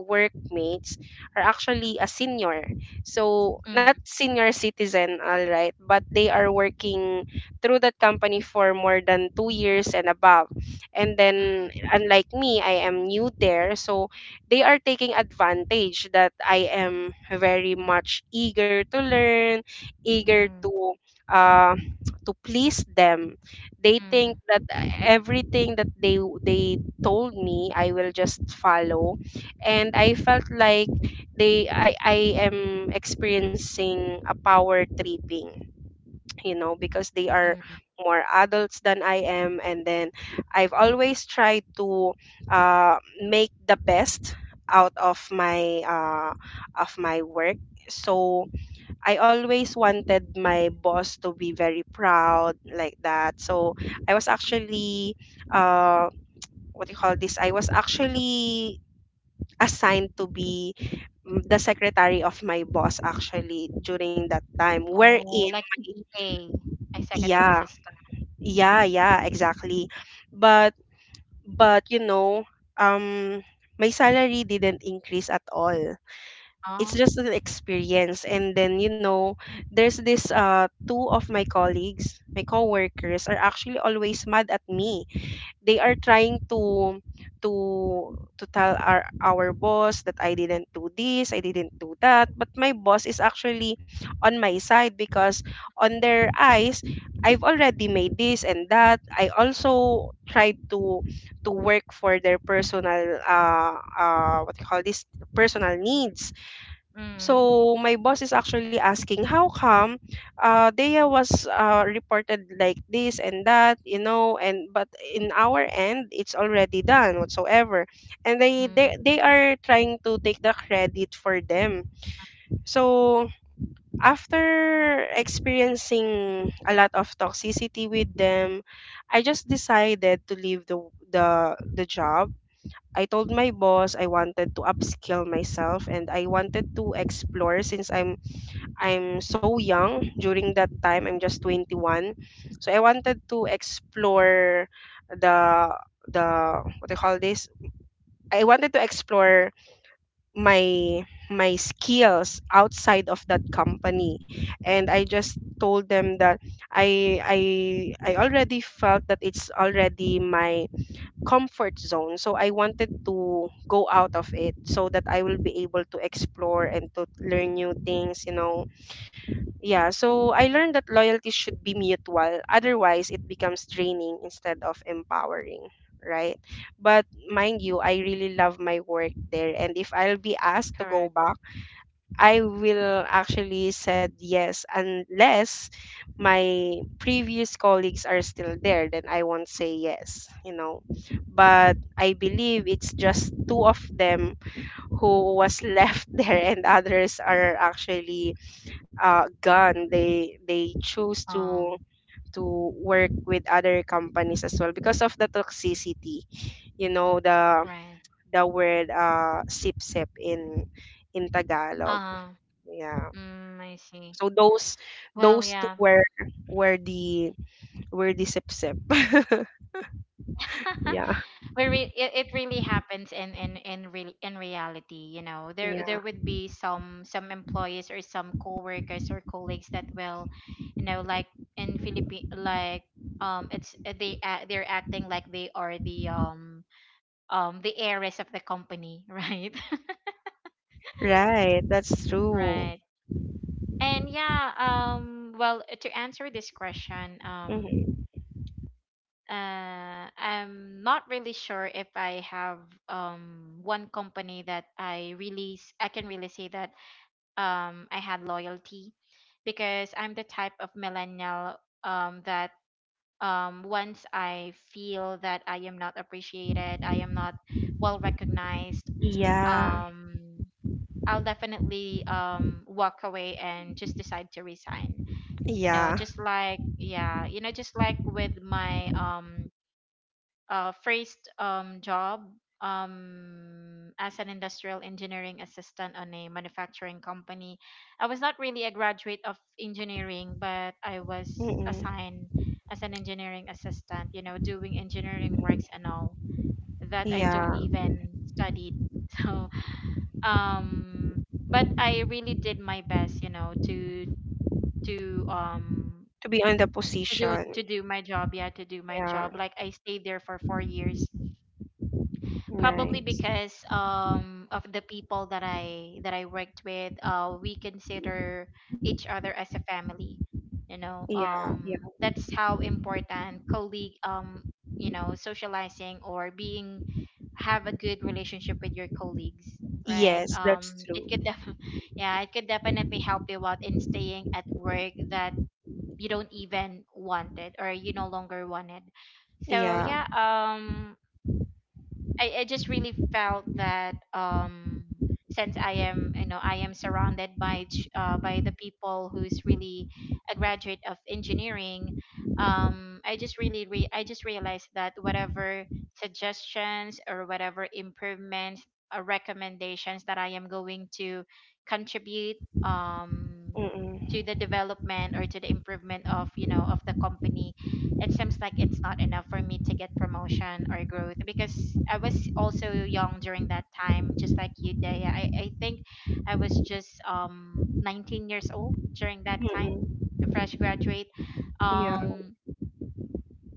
[SPEAKER 2] workmates are actually a senior, so
[SPEAKER 1] mm,
[SPEAKER 2] not senior citizen, all right, but they are working through that company for more than 2 years and above. And
[SPEAKER 1] mm,
[SPEAKER 2] then unlike me, I am new there, so they are taking advantage that I am very much eager to learn, eager
[SPEAKER 1] mm,
[SPEAKER 2] uh, to please them. They
[SPEAKER 1] mm,
[SPEAKER 2] think that everything that they told me I will just follow. And I felt like they I am experiencing a power tripping, you know, because they are
[SPEAKER 1] mm.
[SPEAKER 2] more adults than I am. And then I've always tried to uh, make the best out of my work. So I always wanted my boss to be very proud like that. So I was actually um what do you call this? I was actually assigned to be the secretary of my boss actually during that time, wherein
[SPEAKER 1] Oh, like an EA, executive
[SPEAKER 2] yeah,
[SPEAKER 1] assistant.
[SPEAKER 2] yeah, yeah, exactly. but but you know, um my salary didn't increase at all. It's
[SPEAKER 1] Oh,
[SPEAKER 2] just an experience. And then you know, there's this two of my colleagues, my coworkers, are actually always mad at me. They are trying to to to tell our boss that I didn't do this, I didn't do that, but my boss is actually on my side because on their eyes I've already made this and that. I also tried to work for their personal what you call this, personal needs.
[SPEAKER 1] mm,
[SPEAKER 2] So my boss is actually asking, how come Dea was reported like this and that, you know, and but in our end, it's already done whatsoever, and
[SPEAKER 1] mm,
[SPEAKER 2] they are trying to take the credit for them. So after experiencing a lot of toxicity with them, I just decided to leave the job. I told my boss I wanted to upskill myself and I wanted to explore since I'm so young during that time. I'm just 21. So I wanted to explore the the what do you call this? I wanted to explore my my skills outside of that company. And I just told them that I I I already felt that it's already my comfort zone. So I wanted to go out of it so that I will be able to explore and to learn new things, you know. Yeah, so I learned that loyalty should be mutual. Otherwise, it becomes draining instead of empowering, right? But mind you, I really love my work there. And if I'll be asked to go
[SPEAKER 1] correct.
[SPEAKER 2] back, I will actually said yes, unless my previous colleagues are still there, then I won't say yes, you know. But I believe it's just two of them who was left there, and others are actually gone. They choose
[SPEAKER 1] Um,
[SPEAKER 2] to work with other companies as well because of the toxicity, you know,
[SPEAKER 1] right.
[SPEAKER 2] the word sip sip in Tagalog.
[SPEAKER 1] Uh,
[SPEAKER 2] Yeah,
[SPEAKER 1] mm, I see.
[SPEAKER 2] so
[SPEAKER 1] Well,
[SPEAKER 2] those two
[SPEAKER 1] yeah.
[SPEAKER 2] were were the were the sip sip. Yeah.
[SPEAKER 1] It really happens in real, in reality, you know. There
[SPEAKER 2] Yeah,
[SPEAKER 1] would be some employees or some coworkers or colleagues that will, you know, like in Philippine, like it's they act, they're acting like they are the heiress of the company. Right?
[SPEAKER 2] right, that's true.
[SPEAKER 1] Right. And yeah, well, to answer this question,
[SPEAKER 2] Hmm.
[SPEAKER 1] I'm not really sure if I have one company that I really I can really say that I had loyalty, because I'm the type of millennial that once I feel that I am not appreciated, I am not well recognized,
[SPEAKER 2] Yeah.
[SPEAKER 1] um I'll definitely walk away and just decide to resign. You know,
[SPEAKER 2] Yeah.
[SPEAKER 1] just like yeah, you know, just like with my first job as an industrial engineering assistant on a manufacturing company. I was not really a graduate of engineering, but I was
[SPEAKER 2] Mm.
[SPEAKER 1] assigned as an engineering assistant, you know, doing engineering works and all that I don't
[SPEAKER 2] Yeah.
[SPEAKER 1] even studied. So um but I really did my best, you know, to um
[SPEAKER 2] To be on the
[SPEAKER 1] to do
[SPEAKER 2] position.
[SPEAKER 1] to do my job. Yeah, to do my
[SPEAKER 2] Yeah.
[SPEAKER 1] job. Like, I stayed there for 4 years, probably
[SPEAKER 2] Nice.
[SPEAKER 1] because of the people that I worked with. We consider each other as a family, you know.
[SPEAKER 2] Yeah, yeah.
[SPEAKER 1] That's how important colleague, you know, socializing or being, have a good relationship with your colleagues, right?
[SPEAKER 2] Yes, that's
[SPEAKER 1] It could
[SPEAKER 2] true.
[SPEAKER 1] yeah, it could definitely help you out in staying at work that you don't even wanted or you no longer wanted. So
[SPEAKER 2] Yeah.
[SPEAKER 1] yeah, I just really felt that, since I am, you know, I am surrounded by by the people who's really a graduate of engineering. I just I just realized that whatever suggestions or whatever improvements or recommendations that I am going to contribute, um to the
[SPEAKER 2] Mm-mm.
[SPEAKER 1] development or to the improvement of, you know, of the company, it seems like it's not enough for me to get promotion or growth because I was also young during that time, just like you, Daya. I think I was just 19 years old during that time,
[SPEAKER 2] Mm-mm.
[SPEAKER 1] a fresh graduate.
[SPEAKER 2] Yeah.
[SPEAKER 1] Um,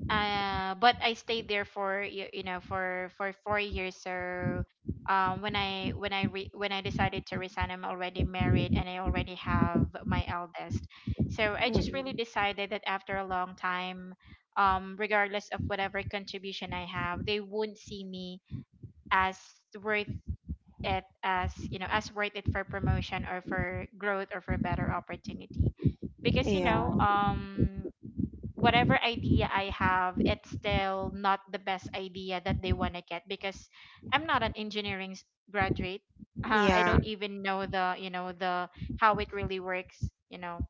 [SPEAKER 1] but I stayed there for you know, for 4 years. So when I when I decided to resign, I'm already married and I already have my eldest. So I just
[SPEAKER 2] Mm-mm.
[SPEAKER 1] really decided that after a long time, regardless of whatever contribution I have, they wouldn't see me as worth it, as you know, as worth it for promotion or for growth or for better opportunity, because you
[SPEAKER 2] Yeah.
[SPEAKER 1] know, whatever idea I have, it's still not the best idea that they want to get because I'm not an engineering graduate. I
[SPEAKER 2] Yeah.
[SPEAKER 1] don't even know the, you know, the how it really works. You know,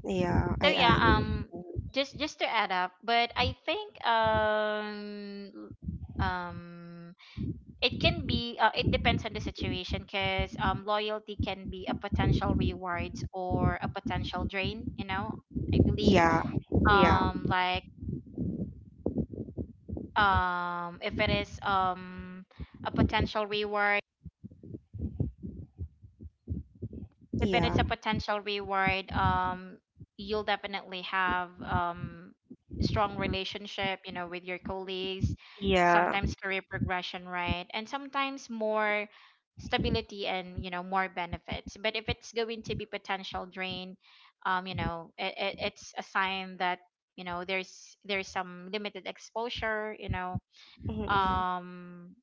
[SPEAKER 2] Yeah. I
[SPEAKER 1] so yeah.
[SPEAKER 2] understand.
[SPEAKER 1] Just to add up, but I think um it can be it depends on the situation because loyalty can be a potential rewards or a potential drain. You know, I believe
[SPEAKER 2] Yeah. Yeah.
[SPEAKER 1] like, if it is a potential reward, if it
[SPEAKER 2] Yeah.
[SPEAKER 1] is a potential reward, you'll definitely have strong relationship, you know, with your colleagues,
[SPEAKER 2] Yeah.
[SPEAKER 1] sometimes career progression, right, and sometimes more stability and you know more benefits. But if it's going to be potential drain, you know, it's a sign that you know there's some limited exposure, you know,
[SPEAKER 2] Mm-mm.
[SPEAKER 1] um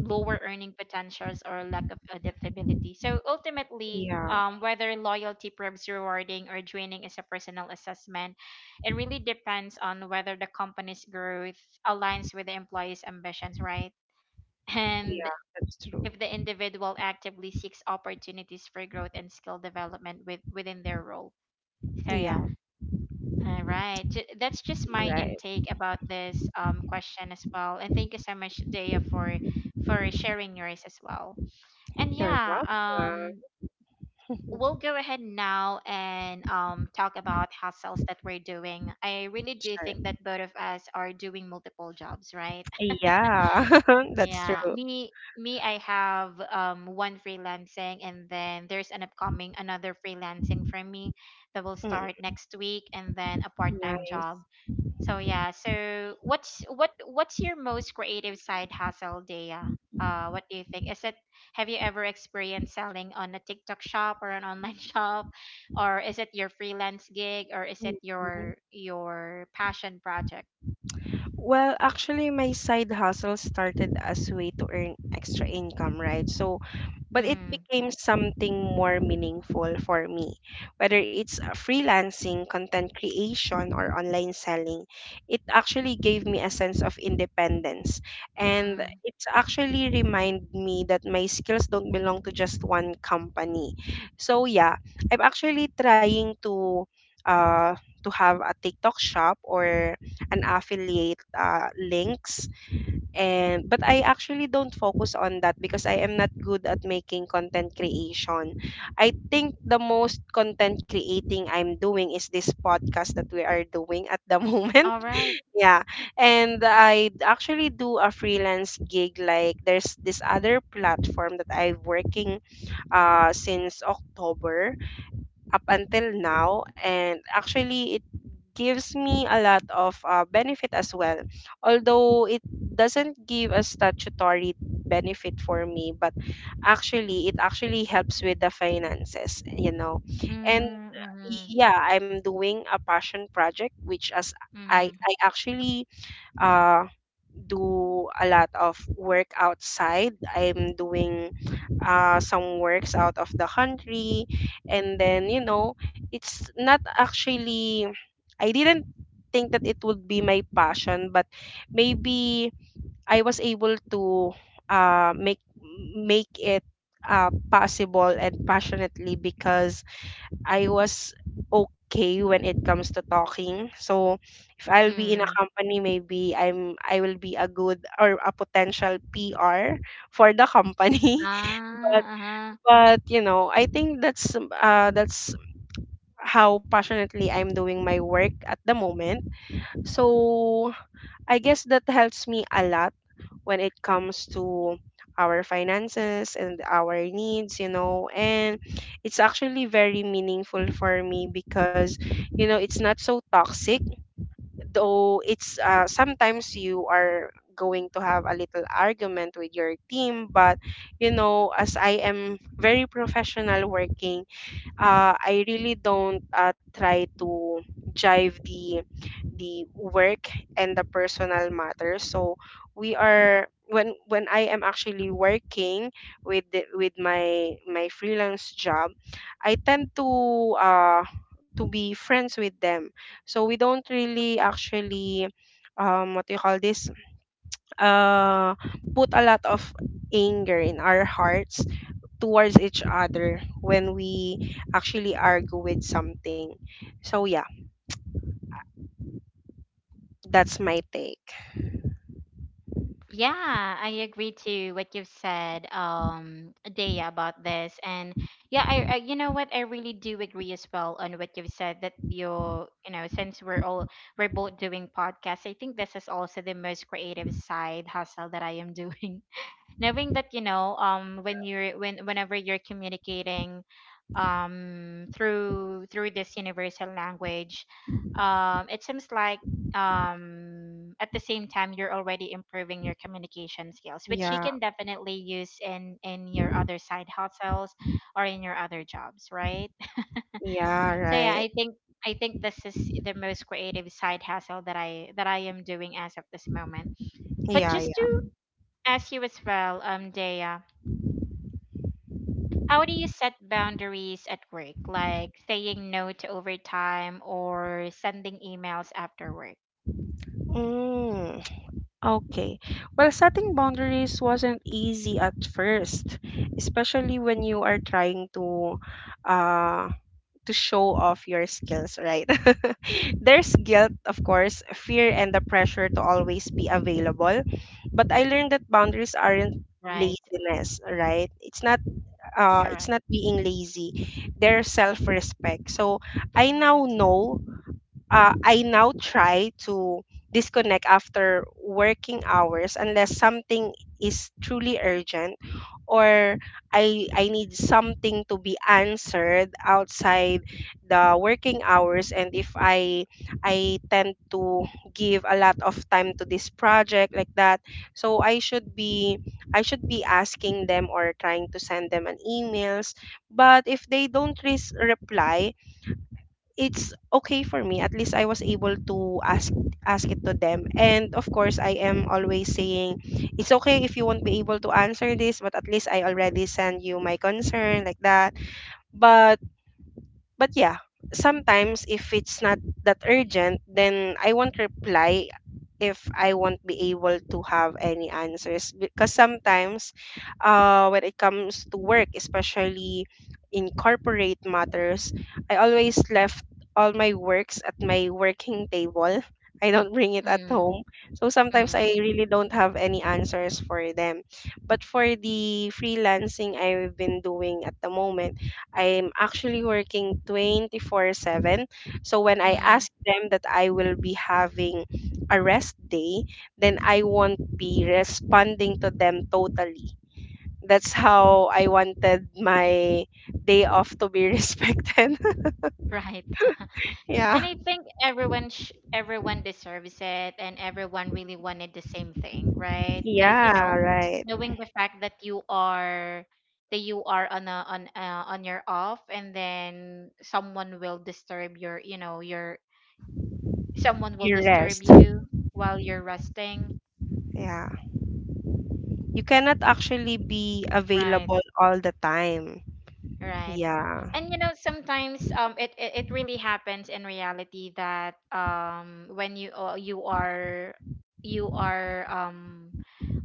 [SPEAKER 1] lower earning potentials or lack of adaptability. So ultimately,
[SPEAKER 2] Yeah.
[SPEAKER 1] whether loyalty proves rewarding or draining is a personal assessment. It really depends on whether the company's growth aligns with the employee's ambitions, right? And
[SPEAKER 2] Yeah. That's true.
[SPEAKER 1] if the individual actively seeks opportunities for growth and skill development with, within their role. So
[SPEAKER 2] Yeah.
[SPEAKER 1] yeah, all right. That's just my
[SPEAKER 2] Right.
[SPEAKER 1] intake about this question as well. And thank you so much, Daya, for sharing yours as well. And
[SPEAKER 2] You're
[SPEAKER 1] yeah,
[SPEAKER 2] welcome.
[SPEAKER 1] we'll go ahead now and talk about hustles that we're doing. I really do think
[SPEAKER 2] Sure.
[SPEAKER 1] that both of us are doing multiple jobs, right?
[SPEAKER 2] Yeah. That's
[SPEAKER 1] Yeah,
[SPEAKER 2] true.
[SPEAKER 1] me I have one freelancing and then there's an upcoming another freelancing for me that will
[SPEAKER 2] Mm.
[SPEAKER 1] start next week and then a part-time job.
[SPEAKER 2] Nice.
[SPEAKER 1] So yeah. So what's your most creative side hustle, Daya? What do you think? Is it, have you ever experienced selling on a TikTok shop or an online shop, or is it your freelance gig, or is it
[SPEAKER 2] Mhm.
[SPEAKER 1] your passion project?
[SPEAKER 2] Well, actually, my side hustle started as a way to earn extra income, right? So, but it
[SPEAKER 1] Mm,
[SPEAKER 2] became something more meaningful for me. Whether it's freelancing, content creation, or online selling, it actually gave me a sense of independence. And
[SPEAKER 1] mm.
[SPEAKER 2] it actually reminded me that my skills don't belong to just one company. So, yeah, I'm actually trying to. Uh, to have a TikTok shop or an affiliate links. And but I actually don't focus on that because I am not good at making content creation. I think the most content creating I'm doing is this podcast that we are doing at the moment.
[SPEAKER 1] All right.
[SPEAKER 2] Yeah. And I actually do a freelance gig, like there's this other platform that I'm working since October up until now. And actually it gives me a lot of benefit as well, although it doesn't give a statutory benefit for me. But actually it actually helps with the finances, you know. And
[SPEAKER 1] Mm, mm,
[SPEAKER 2] yeah, I'm doing a passion project, which as
[SPEAKER 1] mm,
[SPEAKER 2] I actually uh do a lot of work outside. I'm doing some works out of the country. And then, you know, it's not actually, I didn't think that it would be my passion, but maybe I was able to make make it possible and passionately because I was okay when it comes to talking. So if I'll be in a
[SPEAKER 1] mm.
[SPEAKER 2] company, maybe I will be a good or a potential PR for the company. But
[SPEAKER 1] Ah,
[SPEAKER 2] but you know, I think that's how passionately I'm doing my work at the moment. So I guess that helps me a lot when it comes to our finances and our needs, you know. And it's actually very meaningful for me because, you know, it's not so toxic, though it's sometimes you are going to have a little argument with your team. But you know, as I am very professional working, I really don't try to jive the work and the personal matters. So we are when I am actually working with my my freelance job, I tend uh, to be friends with them. So we don't really actually what do you call this? Uh, Put a lot of anger in our hearts towards each other when we actually argue with something. So yeah, that's my take.
[SPEAKER 1] yeah, I agree to what you've said, Dea, about this. And yeah, you know what, I really do agree as well on what you've said that you're, you know, since we're all, we're both doing podcasts, I think this is also the most creative side hustle that I am doing, knowing that you know when you're, when whenever you're communicating through through this universal language, it seems like at the same time you're already improving your communication skills, which you
[SPEAKER 2] Yeah,
[SPEAKER 1] can definitely use in your other side hustles or in your other jobs, right?
[SPEAKER 2] yeah,
[SPEAKER 1] So yeah,
[SPEAKER 2] right.
[SPEAKER 1] I think, I think this is the most creative side hustle that I am doing as of this moment. But
[SPEAKER 2] Yeah,
[SPEAKER 1] just to
[SPEAKER 2] yeah.
[SPEAKER 1] ask you as well, Dea, how do you set boundaries at work, like saying no to overtime or sending emails after work?
[SPEAKER 2] Mm, okay. Well, setting boundaries wasn't easy at first, especially when you are trying uh to show off your skills, right? There's guilt, of course, fear, and the pressure to always be available, but I learned that boundaries aren't
[SPEAKER 1] Right.
[SPEAKER 2] laziness, right? It's
[SPEAKER 1] Correct.
[SPEAKER 2] not being lazy, their self respect. So I now know I now try to disconnect after working hours unless something is truly urgent or I need something to be answered outside the working hours. And if I, I tend to give a lot of time to this project like that, so I should be asking them or trying to send them an emails. But if they don't reply, it's okay. For me, at least I was able to ask it to them. And of course, I am always saying it's okay if you won't be able to answer this, but at least I already send you my concern, like that. But yeah, sometimes if it's not that urgent, then I won't reply if I won't be able to have any answers. Because sometimes when it comes to work, especially in corporate matters, I always left all my works at my working table. I don't bring it at
[SPEAKER 1] Mm,
[SPEAKER 2] home. So sometimes I
[SPEAKER 1] mm,
[SPEAKER 2] really don't have any answers for them. But for the freelancing I've been doing at the moment, I'm actually working 24/7. So when I
[SPEAKER 1] mm,
[SPEAKER 2] ask them that I will be having a rest day, then I won't be responding to them totally. That's how I wanted my day off to be respected.
[SPEAKER 1] right. And
[SPEAKER 2] Yeah.
[SPEAKER 1] I think everyone deserves it and everyone really wanted the same thing, right? Cuz you
[SPEAKER 2] Yeah,
[SPEAKER 1] know,
[SPEAKER 2] right.
[SPEAKER 1] knowing the fact that you are, that you are on a on on your off, and then someone will disturb your, you know, your, someone will
[SPEAKER 2] You
[SPEAKER 1] disturb
[SPEAKER 2] rest.
[SPEAKER 1] you while you're resting.
[SPEAKER 2] Yeah. You cannot actually be
[SPEAKER 1] Right,
[SPEAKER 2] available all the time.
[SPEAKER 1] right.
[SPEAKER 2] Yeah.
[SPEAKER 1] And you know sometimes it really happens in reality that when you you are, you are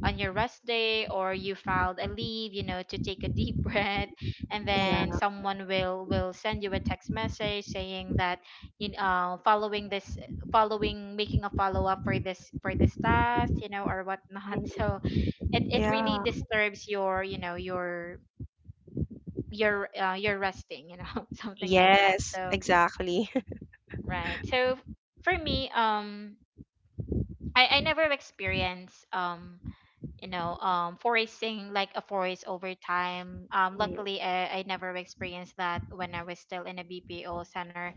[SPEAKER 1] on your rest day or you filed a leave, you know, to take a deep breath, and
[SPEAKER 2] Yeah.
[SPEAKER 1] then someone will send you a text message saying that, you know, following this, following, making a follow up for this, for this task, you know, or whatnot. So
[SPEAKER 2] Mhm.
[SPEAKER 1] it
[SPEAKER 2] Yeah.
[SPEAKER 1] really disturbs your, you know, your, your resting, you know, something like that.
[SPEAKER 2] Yes,
[SPEAKER 1] So
[SPEAKER 2] exactly.
[SPEAKER 1] right, so for me, I never experienced, you know, forcing, like a forest over time.
[SPEAKER 2] Mm.
[SPEAKER 1] Luckily, I never experienced that when I was still in a BPO center.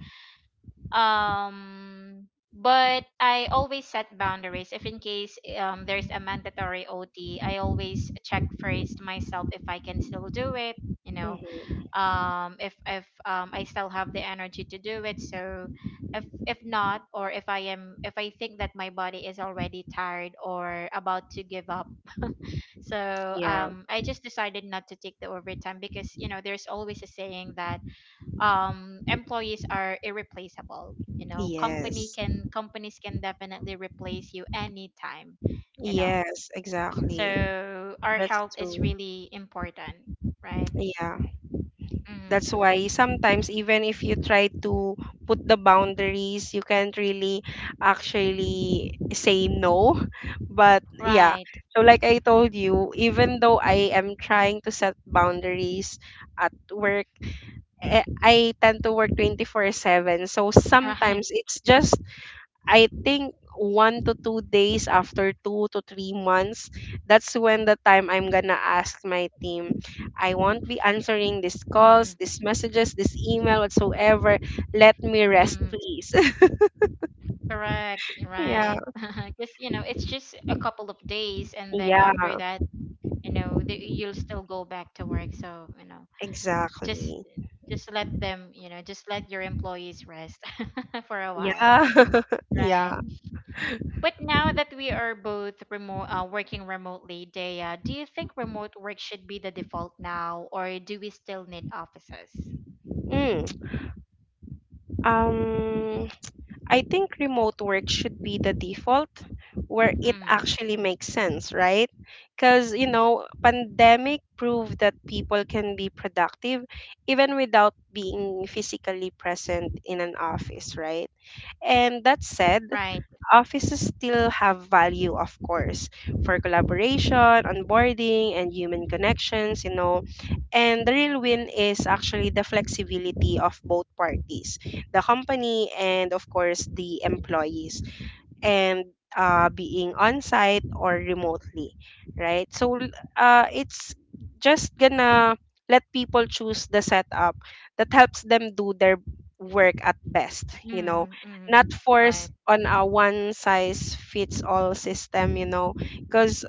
[SPEAKER 1] um but I always set boundaries if in case there's a mandatory OT. I always check first myself if I can still do it, you know,
[SPEAKER 2] Mhm.
[SPEAKER 1] if I still have the energy to do it. So if not, or if I am, if I think that my body is already tired or about to give up, so
[SPEAKER 2] Yeah.
[SPEAKER 1] I just decided not to take the overtime, because you know there's always a saying that employees are irreplaceable, you know, company
[SPEAKER 2] Yes.
[SPEAKER 1] can companies can definitely replace you anytime, you know.
[SPEAKER 2] Yes,
[SPEAKER 1] So
[SPEAKER 2] exactly.
[SPEAKER 1] our
[SPEAKER 2] That's
[SPEAKER 1] health is
[SPEAKER 2] true.
[SPEAKER 1] really important, right?
[SPEAKER 2] Yeah. That's
[SPEAKER 1] Mm,
[SPEAKER 2] why sometimes even if you try to put the boundaries, you can't really actually say no. But yeah.
[SPEAKER 1] right.
[SPEAKER 2] So like I told you, even though I am trying to set boundaries at work, eh, I tend to work 24/7. So
[SPEAKER 1] Right.
[SPEAKER 2] sometimes it's just, I think, 1 to 2 days after 2 to 3 months, that's when the time I'm gonna ask my team. I won't be answering these
[SPEAKER 1] Mm,
[SPEAKER 2] calls, these messages, this email whatsoever. Let me
[SPEAKER 1] mm,
[SPEAKER 2] rest, please.
[SPEAKER 1] correct, right.
[SPEAKER 2] Yeah.
[SPEAKER 1] Because, you know, it's just a couple of days, and then
[SPEAKER 2] Yeah.
[SPEAKER 1] after that, you know, the, you'll still go back to work. So, you know, just
[SPEAKER 2] Exactly.
[SPEAKER 1] just let them, you know, just let your employees rest for a while,
[SPEAKER 2] Yeah.
[SPEAKER 1] right?
[SPEAKER 2] Yeah.
[SPEAKER 1] But now that we are both remote, working remotely, Dea, do you think remote work should be the default now, or do we still need offices?
[SPEAKER 2] Mm. um I think remote work should be the default where it
[SPEAKER 1] Mm,
[SPEAKER 2] actually makes sense, right? Because, you know, pandemic proved that people can be productive even without being physically present in an office, right? And that said,
[SPEAKER 1] right.
[SPEAKER 2] offices still have value, of course, for collaboration, onboarding, and human connections, you know. And the real win is actually the flexibility of both parties, the company and, of course, the employees and being on site or remotely, right? It's just gonna let people choose the setup that helps them do their work at best, you know,
[SPEAKER 1] Mm, mm,
[SPEAKER 2] not force
[SPEAKER 1] right.
[SPEAKER 2] on a one size fits all system, you know. Because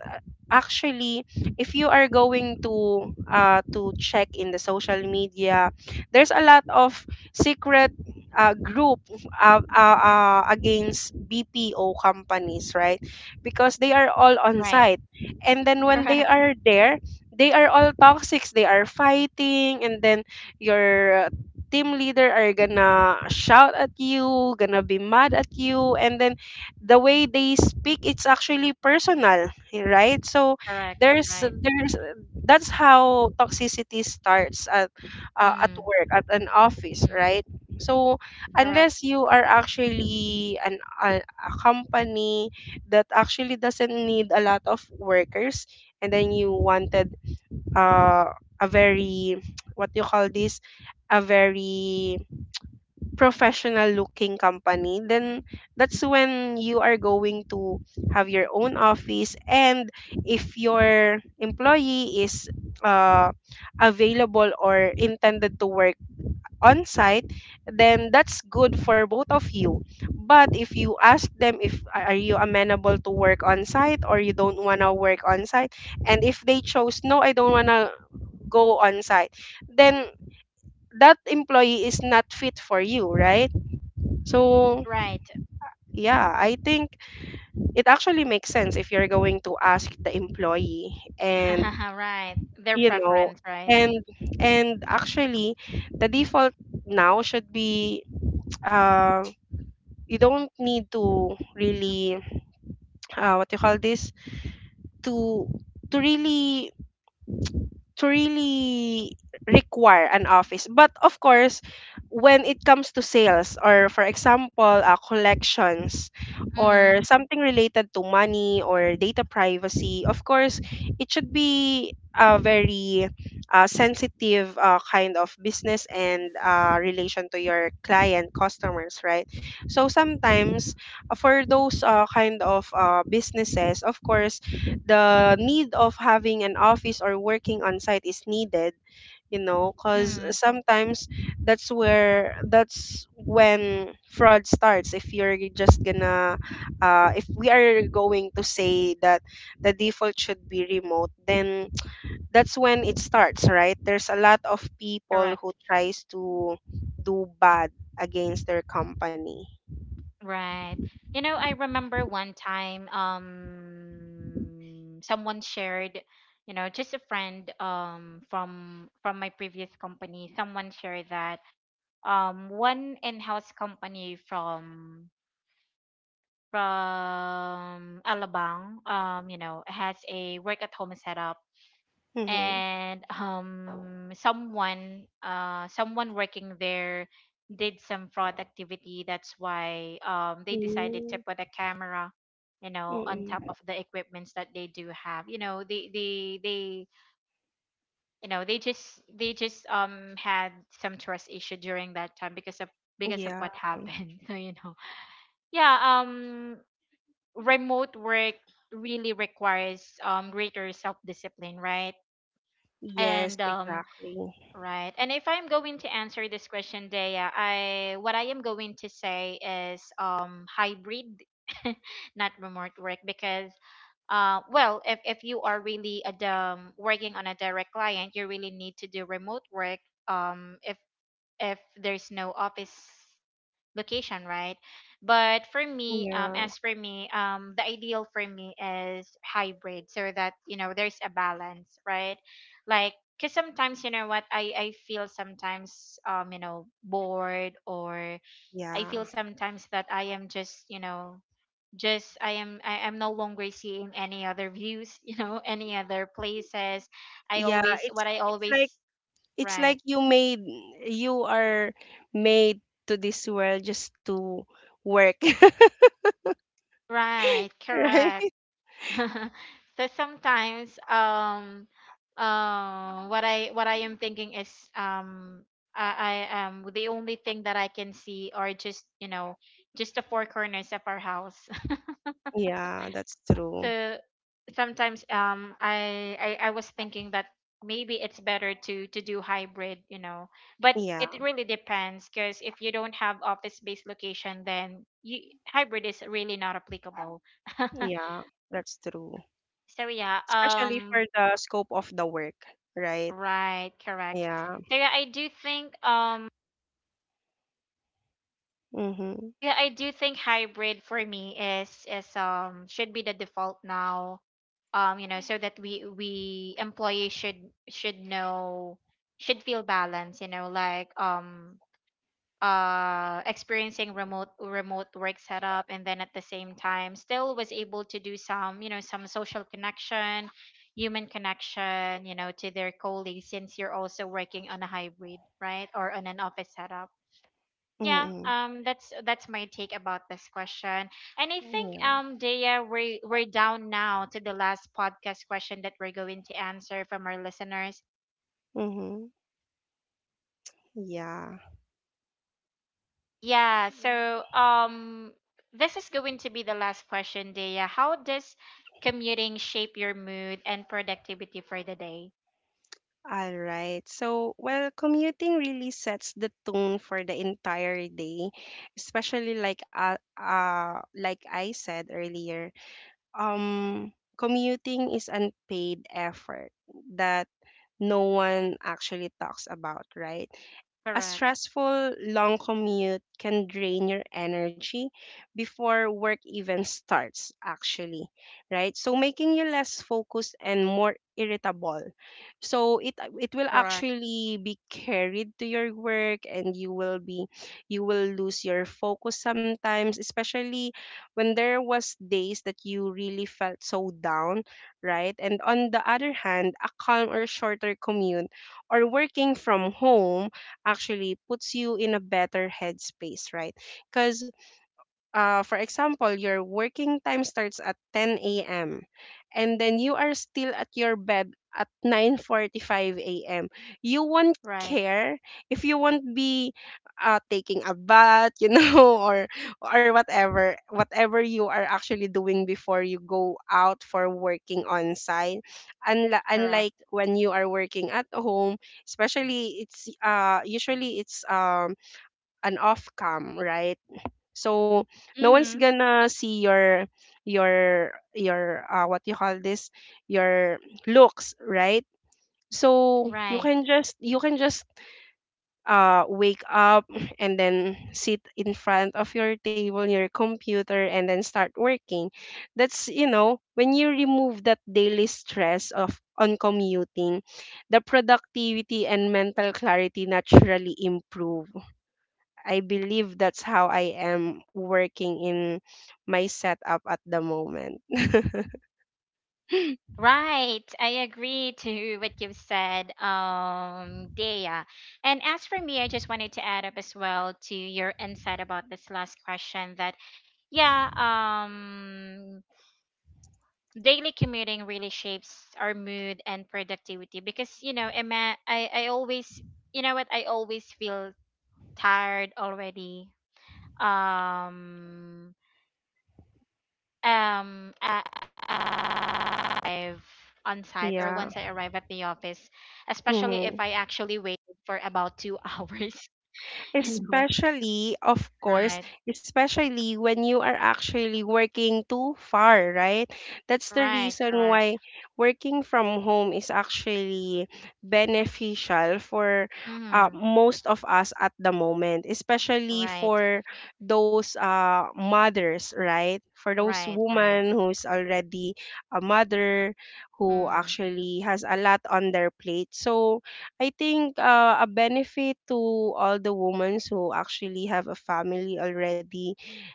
[SPEAKER 2] actually, if you are going to check in the social media, there's a lot of secret group against BPO companies, right? Because they are all on
[SPEAKER 1] Right.
[SPEAKER 2] site. And then when they
[SPEAKER 1] Correct.
[SPEAKER 2] are there, they are all toxics. They are fighting, and then your team leader are gonna shout at you, gonna be mad at you, and then the way they speak, it's actually personal, right? So
[SPEAKER 1] Correct.
[SPEAKER 2] there's
[SPEAKER 1] Right.
[SPEAKER 2] there's that's how toxicity starts at
[SPEAKER 1] Mm,
[SPEAKER 2] work at an office,
[SPEAKER 1] mm,
[SPEAKER 2] right? So
[SPEAKER 1] correct.
[SPEAKER 2] unless you are actually a company that actually doesn't need a lot of workers and then you wanted uh, a very what do you call this, a very professional looking company, then that's when you are going to have your own office. And if your employee is uh, available or intended to work on site, then that's good for both of you. But if you ask them if are you amenable to work on site or you don't want to work on site, and if they chose no, I don't want to go on site, then that employee is not fit for you, right? So,
[SPEAKER 1] Right.
[SPEAKER 2] yeah, I think it actually makes sense if you're going to ask the employee and
[SPEAKER 1] Right. Their
[SPEAKER 2] you know.
[SPEAKER 1] preference, right?
[SPEAKER 2] And and actually, the default now should be you don't need to really what you call this, to to really to really require an office. But of course, when it comes to sales or for example, collections
[SPEAKER 1] Mm-hmm.
[SPEAKER 2] or something related to money or data privacy, of course, it should be a very sensitive kind of business and relation to your client customers, right? So sometimes for those kind of businesses, of course, the need of having an office or working on site is needed, you know. Because
[SPEAKER 1] Mm-hmm.
[SPEAKER 2] sometimes that's when fraud starts. If you're just gonna if we are going to say that the default should be remote, then that's when it starts. Right, there's a lot of people who
[SPEAKER 1] Correct.
[SPEAKER 2] tries to do bad against their company.
[SPEAKER 1] Right. You know, I remember one time someone shared, you know, just a friend from my previous company, someone shared that one in-house company from Alabang, you know, has a work at home setup,
[SPEAKER 2] Mhm.
[SPEAKER 1] and someone, someone working there did some fraud activity, that's why they decided to
[SPEAKER 2] Mm,
[SPEAKER 1] put a camera, you know, on top
[SPEAKER 2] mm.
[SPEAKER 1] of the equipments that they do have, you know, they they you know, they just, they just had some trust issue during that time because of, because of
[SPEAKER 2] Yeah.
[SPEAKER 1] what happened. So you know, yeah, remote work really requires greater self discipline, right?
[SPEAKER 2] Yes,
[SPEAKER 1] And
[SPEAKER 2] exactly.
[SPEAKER 1] right. And if I'm going to answer this question, Dea, I what I am going to say is hybrid, not remote work, because well, if you are really a working on a direct client, you really need to do remote work um if if there's no office location, right? But for me,
[SPEAKER 2] Yeah.
[SPEAKER 1] as for me, the ideal for me is hybrid, so that you know there's a balance, right? Like, cause sometimes you know what I feel sometimes you know bored, or I
[SPEAKER 2] Yeah.
[SPEAKER 1] feel sometimes that I am just, you know, just I am, I am no longer seeing any other views, you know, any other places. I
[SPEAKER 2] Yeah,
[SPEAKER 1] always,
[SPEAKER 2] it's
[SPEAKER 1] what I
[SPEAKER 2] it's
[SPEAKER 1] always,
[SPEAKER 2] like, it's
[SPEAKER 1] right.
[SPEAKER 2] like you made, you are made to this world just to work.
[SPEAKER 1] Right, correct.
[SPEAKER 2] Right?
[SPEAKER 1] So sometimes what I am thinking is um I the only thing that I can see are just, you know, just the four corners of our house.
[SPEAKER 2] Yeah, that's true.
[SPEAKER 1] So sometimes I was thinking that maybe it's better to do hybrid, you know, but it
[SPEAKER 2] Yeah.
[SPEAKER 1] really depends, because if you don't have office based location, then you, hybrid is really not applicable.
[SPEAKER 2] Yeah, that's true.
[SPEAKER 1] So yeah,
[SPEAKER 2] Especially for the scope of the work, right?
[SPEAKER 1] right, correct.
[SPEAKER 2] Yeah.
[SPEAKER 1] So yeah, I do think
[SPEAKER 2] Mm-hmm.
[SPEAKER 1] yeah, I do think hybrid for me is should be the default now. You know, so that we employees should know, should feel balance, you know, like experiencing remote work setup, and then at the same time still was able to do some, you know, some social connection, human connection, you know, to their colleagues, since you're also working on a hybrid, right, or on an office setup. Yeah,
[SPEAKER 2] Mm-mm.
[SPEAKER 1] that's my take about this question. And I think
[SPEAKER 2] Yeah.
[SPEAKER 1] Dea, we're down now to the last podcast question that we're going to answer from our listeners.
[SPEAKER 2] Mm-hmm. Yeah.
[SPEAKER 1] Yeah, so this is going to be the last question, Dea. How does commuting shape your mood and productivity for the day?
[SPEAKER 2] All right. So, well, commuting really sets the tone for the entire day, especially like I said earlier. Commuting is unpaid effort that no one actually talks about, right? A
[SPEAKER 1] Correct.
[SPEAKER 2] stressful long commute can drain your energy before work even starts, actually, right? So making you less focused and more irritable. So it will
[SPEAKER 1] Correct.
[SPEAKER 2] actually be carried to your work and you will lose your focus sometimes, especially when there was days that you really felt so down, right? And on the other hand, a calm or shorter commute or working from home actually puts you in a better headspace, right? Because for example, your working time starts at 10 a.m. and then you are still at your bed at 9:45 a.m. You won't
[SPEAKER 1] Right.
[SPEAKER 2] care if you won't be taking a bath, you know, or whatever, whatever you are actually doing before you go out for working on site. Unlike
[SPEAKER 1] Correct.
[SPEAKER 2] when you are working at home, especially it's usually it's an off cam, right? So no
[SPEAKER 1] Mm-hmm.
[SPEAKER 2] one's gonna see your what you call this, your looks, right? So
[SPEAKER 1] Right.
[SPEAKER 2] you can just wake up and then sit in front of your table, your computer and then start working. That's, you know, when you remove that daily stress of on commuting, the productivity and mental clarity naturally improve. I believe that's how I am working in my setup at the moment.
[SPEAKER 1] Right. I agree to what you've said, Dea. And as for me, I just wanted to add up as well to your insight about this last question, that yeah, daily commuting really shapes our mood and productivity, because you know Emma, I always, you know what, I always feel tired already, um um uh, have, on site or once
[SPEAKER 2] Yeah.
[SPEAKER 1] I arrive at the office, especially if
[SPEAKER 2] Mhm.
[SPEAKER 1] I actually waited for about 2 hours, you know,
[SPEAKER 2] Especially, of course,
[SPEAKER 1] right,
[SPEAKER 2] especially when you are actually working too far, right? That's the
[SPEAKER 1] right,
[SPEAKER 2] reason
[SPEAKER 1] correct,
[SPEAKER 2] why working from home is actually beneficial for
[SPEAKER 1] mhm,
[SPEAKER 2] most of us at the moment, especially
[SPEAKER 1] right,
[SPEAKER 2] for those mothers, right? For those
[SPEAKER 1] right, right,
[SPEAKER 2] women who's already a mother, who
[SPEAKER 1] mm,
[SPEAKER 2] actually has a lot on their plate. So, I think a benefit to all the women who actually have a family already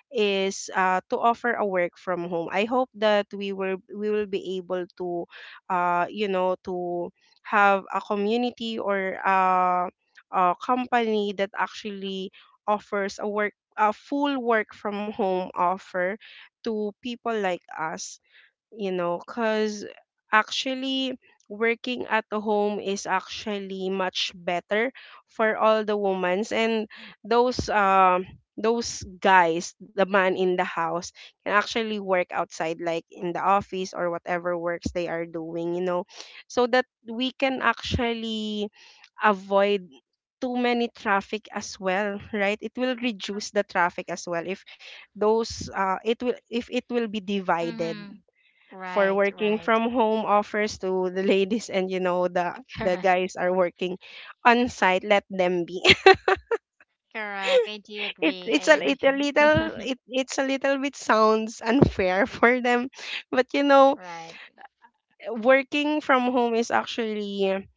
[SPEAKER 2] is to offer a work from home. I hope that we will be able to, you know, to have a community or a company that actually offers a full work from home offer to people like us, you know. Because actually, working at home is actually much better for all the women's and those um those guys, the man in the house, can actually work outside like in the office or whatever works they are doing, you know. So that we can actually avoid too many traffic as well, right? It will reduce the traffic as well if those it will if it will be divided
[SPEAKER 1] mhm,
[SPEAKER 2] for
[SPEAKER 1] right,
[SPEAKER 2] working
[SPEAKER 1] right,
[SPEAKER 2] from home offers to the ladies, and you know, the
[SPEAKER 1] correct.
[SPEAKER 2] guys are working on site, let them be.
[SPEAKER 1] Correct. I do agree. I agree.
[SPEAKER 2] It's a little, it's a little bit sounds unfair for them. But you know,
[SPEAKER 1] Right.
[SPEAKER 2] working from home is actually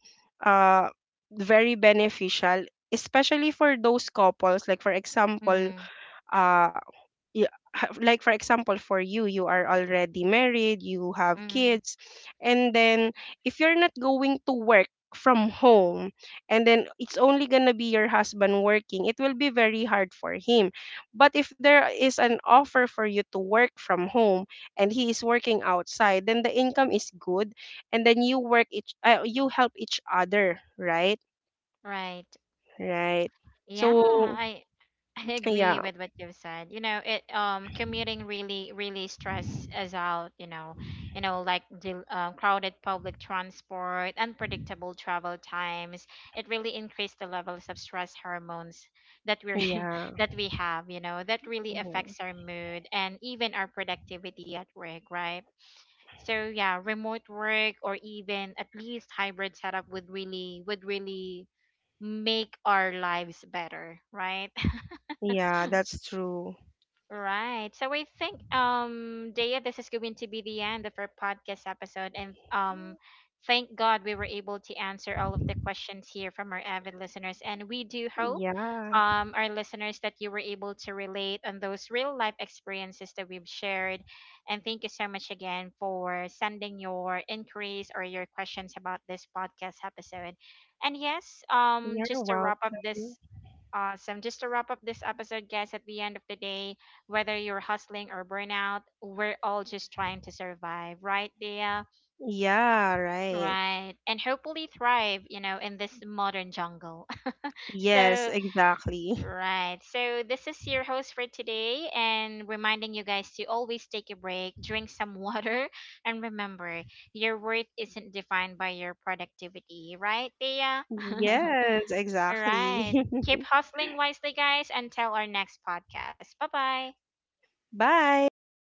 [SPEAKER 2] uh very beneficial, especially for those couples. Like for example,
[SPEAKER 1] Mm,
[SPEAKER 2] uh you, like for example for you, you are already married, you have
[SPEAKER 1] mm,
[SPEAKER 2] kids, and then if you're not going to work from home, and then it's only going to be your husband working, it will be very hard for him. But if there is an offer for you to work from home and he is working outside, then the income is good. And then you work each you help each other, right?
[SPEAKER 1] right.
[SPEAKER 2] Right.
[SPEAKER 1] Yeah,
[SPEAKER 2] So
[SPEAKER 1] I I agree
[SPEAKER 2] yeah
[SPEAKER 1] with what you've said. You know, it commuting really really stress us out, you know. You know, like the crowded public transport, unpredictable travel times. It really increased the levels of stress hormones that we're
[SPEAKER 2] yeah
[SPEAKER 1] that we have, you know. That really
[SPEAKER 2] yeah
[SPEAKER 1] affects our mood and even our productivity at work, right? So yeah, remote work or even at least hybrid setup would really, would really make our lives better, right?
[SPEAKER 2] Yeah, that's true.
[SPEAKER 1] Right. So I think Dea, this is going to be the end of our podcast episode, and thank God we were able to answer all of the questions here from our avid listeners, and we do hope
[SPEAKER 2] Yeah,
[SPEAKER 1] our listeners that you were able to relate on those real life experiences that we've shared. And thank you so much again for sending your inquiries or your questions about this podcast episode. And yes,
[SPEAKER 2] you're
[SPEAKER 1] just to wrap up
[SPEAKER 2] welcome.
[SPEAKER 1] this, awesome, just to wrap up this episode, guys, at the end of the day, whether you're hustling or burnout, we're all just trying to survive, right, Dia?
[SPEAKER 2] Yeah, right.
[SPEAKER 1] Right. And hopefully thrive, you know, in this modern jungle.
[SPEAKER 2] Yes,
[SPEAKER 1] So,
[SPEAKER 2] exactly.
[SPEAKER 1] right. So, this is your host for today, and reminding you guys to always take a break, drink some water, and remember, your worth isn't defined by your productivity, right, Dia?
[SPEAKER 2] Yes,
[SPEAKER 1] All right.
[SPEAKER 2] exactly.
[SPEAKER 1] Keep hustling wisely, guys, until our next podcast. Bye bye.
[SPEAKER 2] Bye.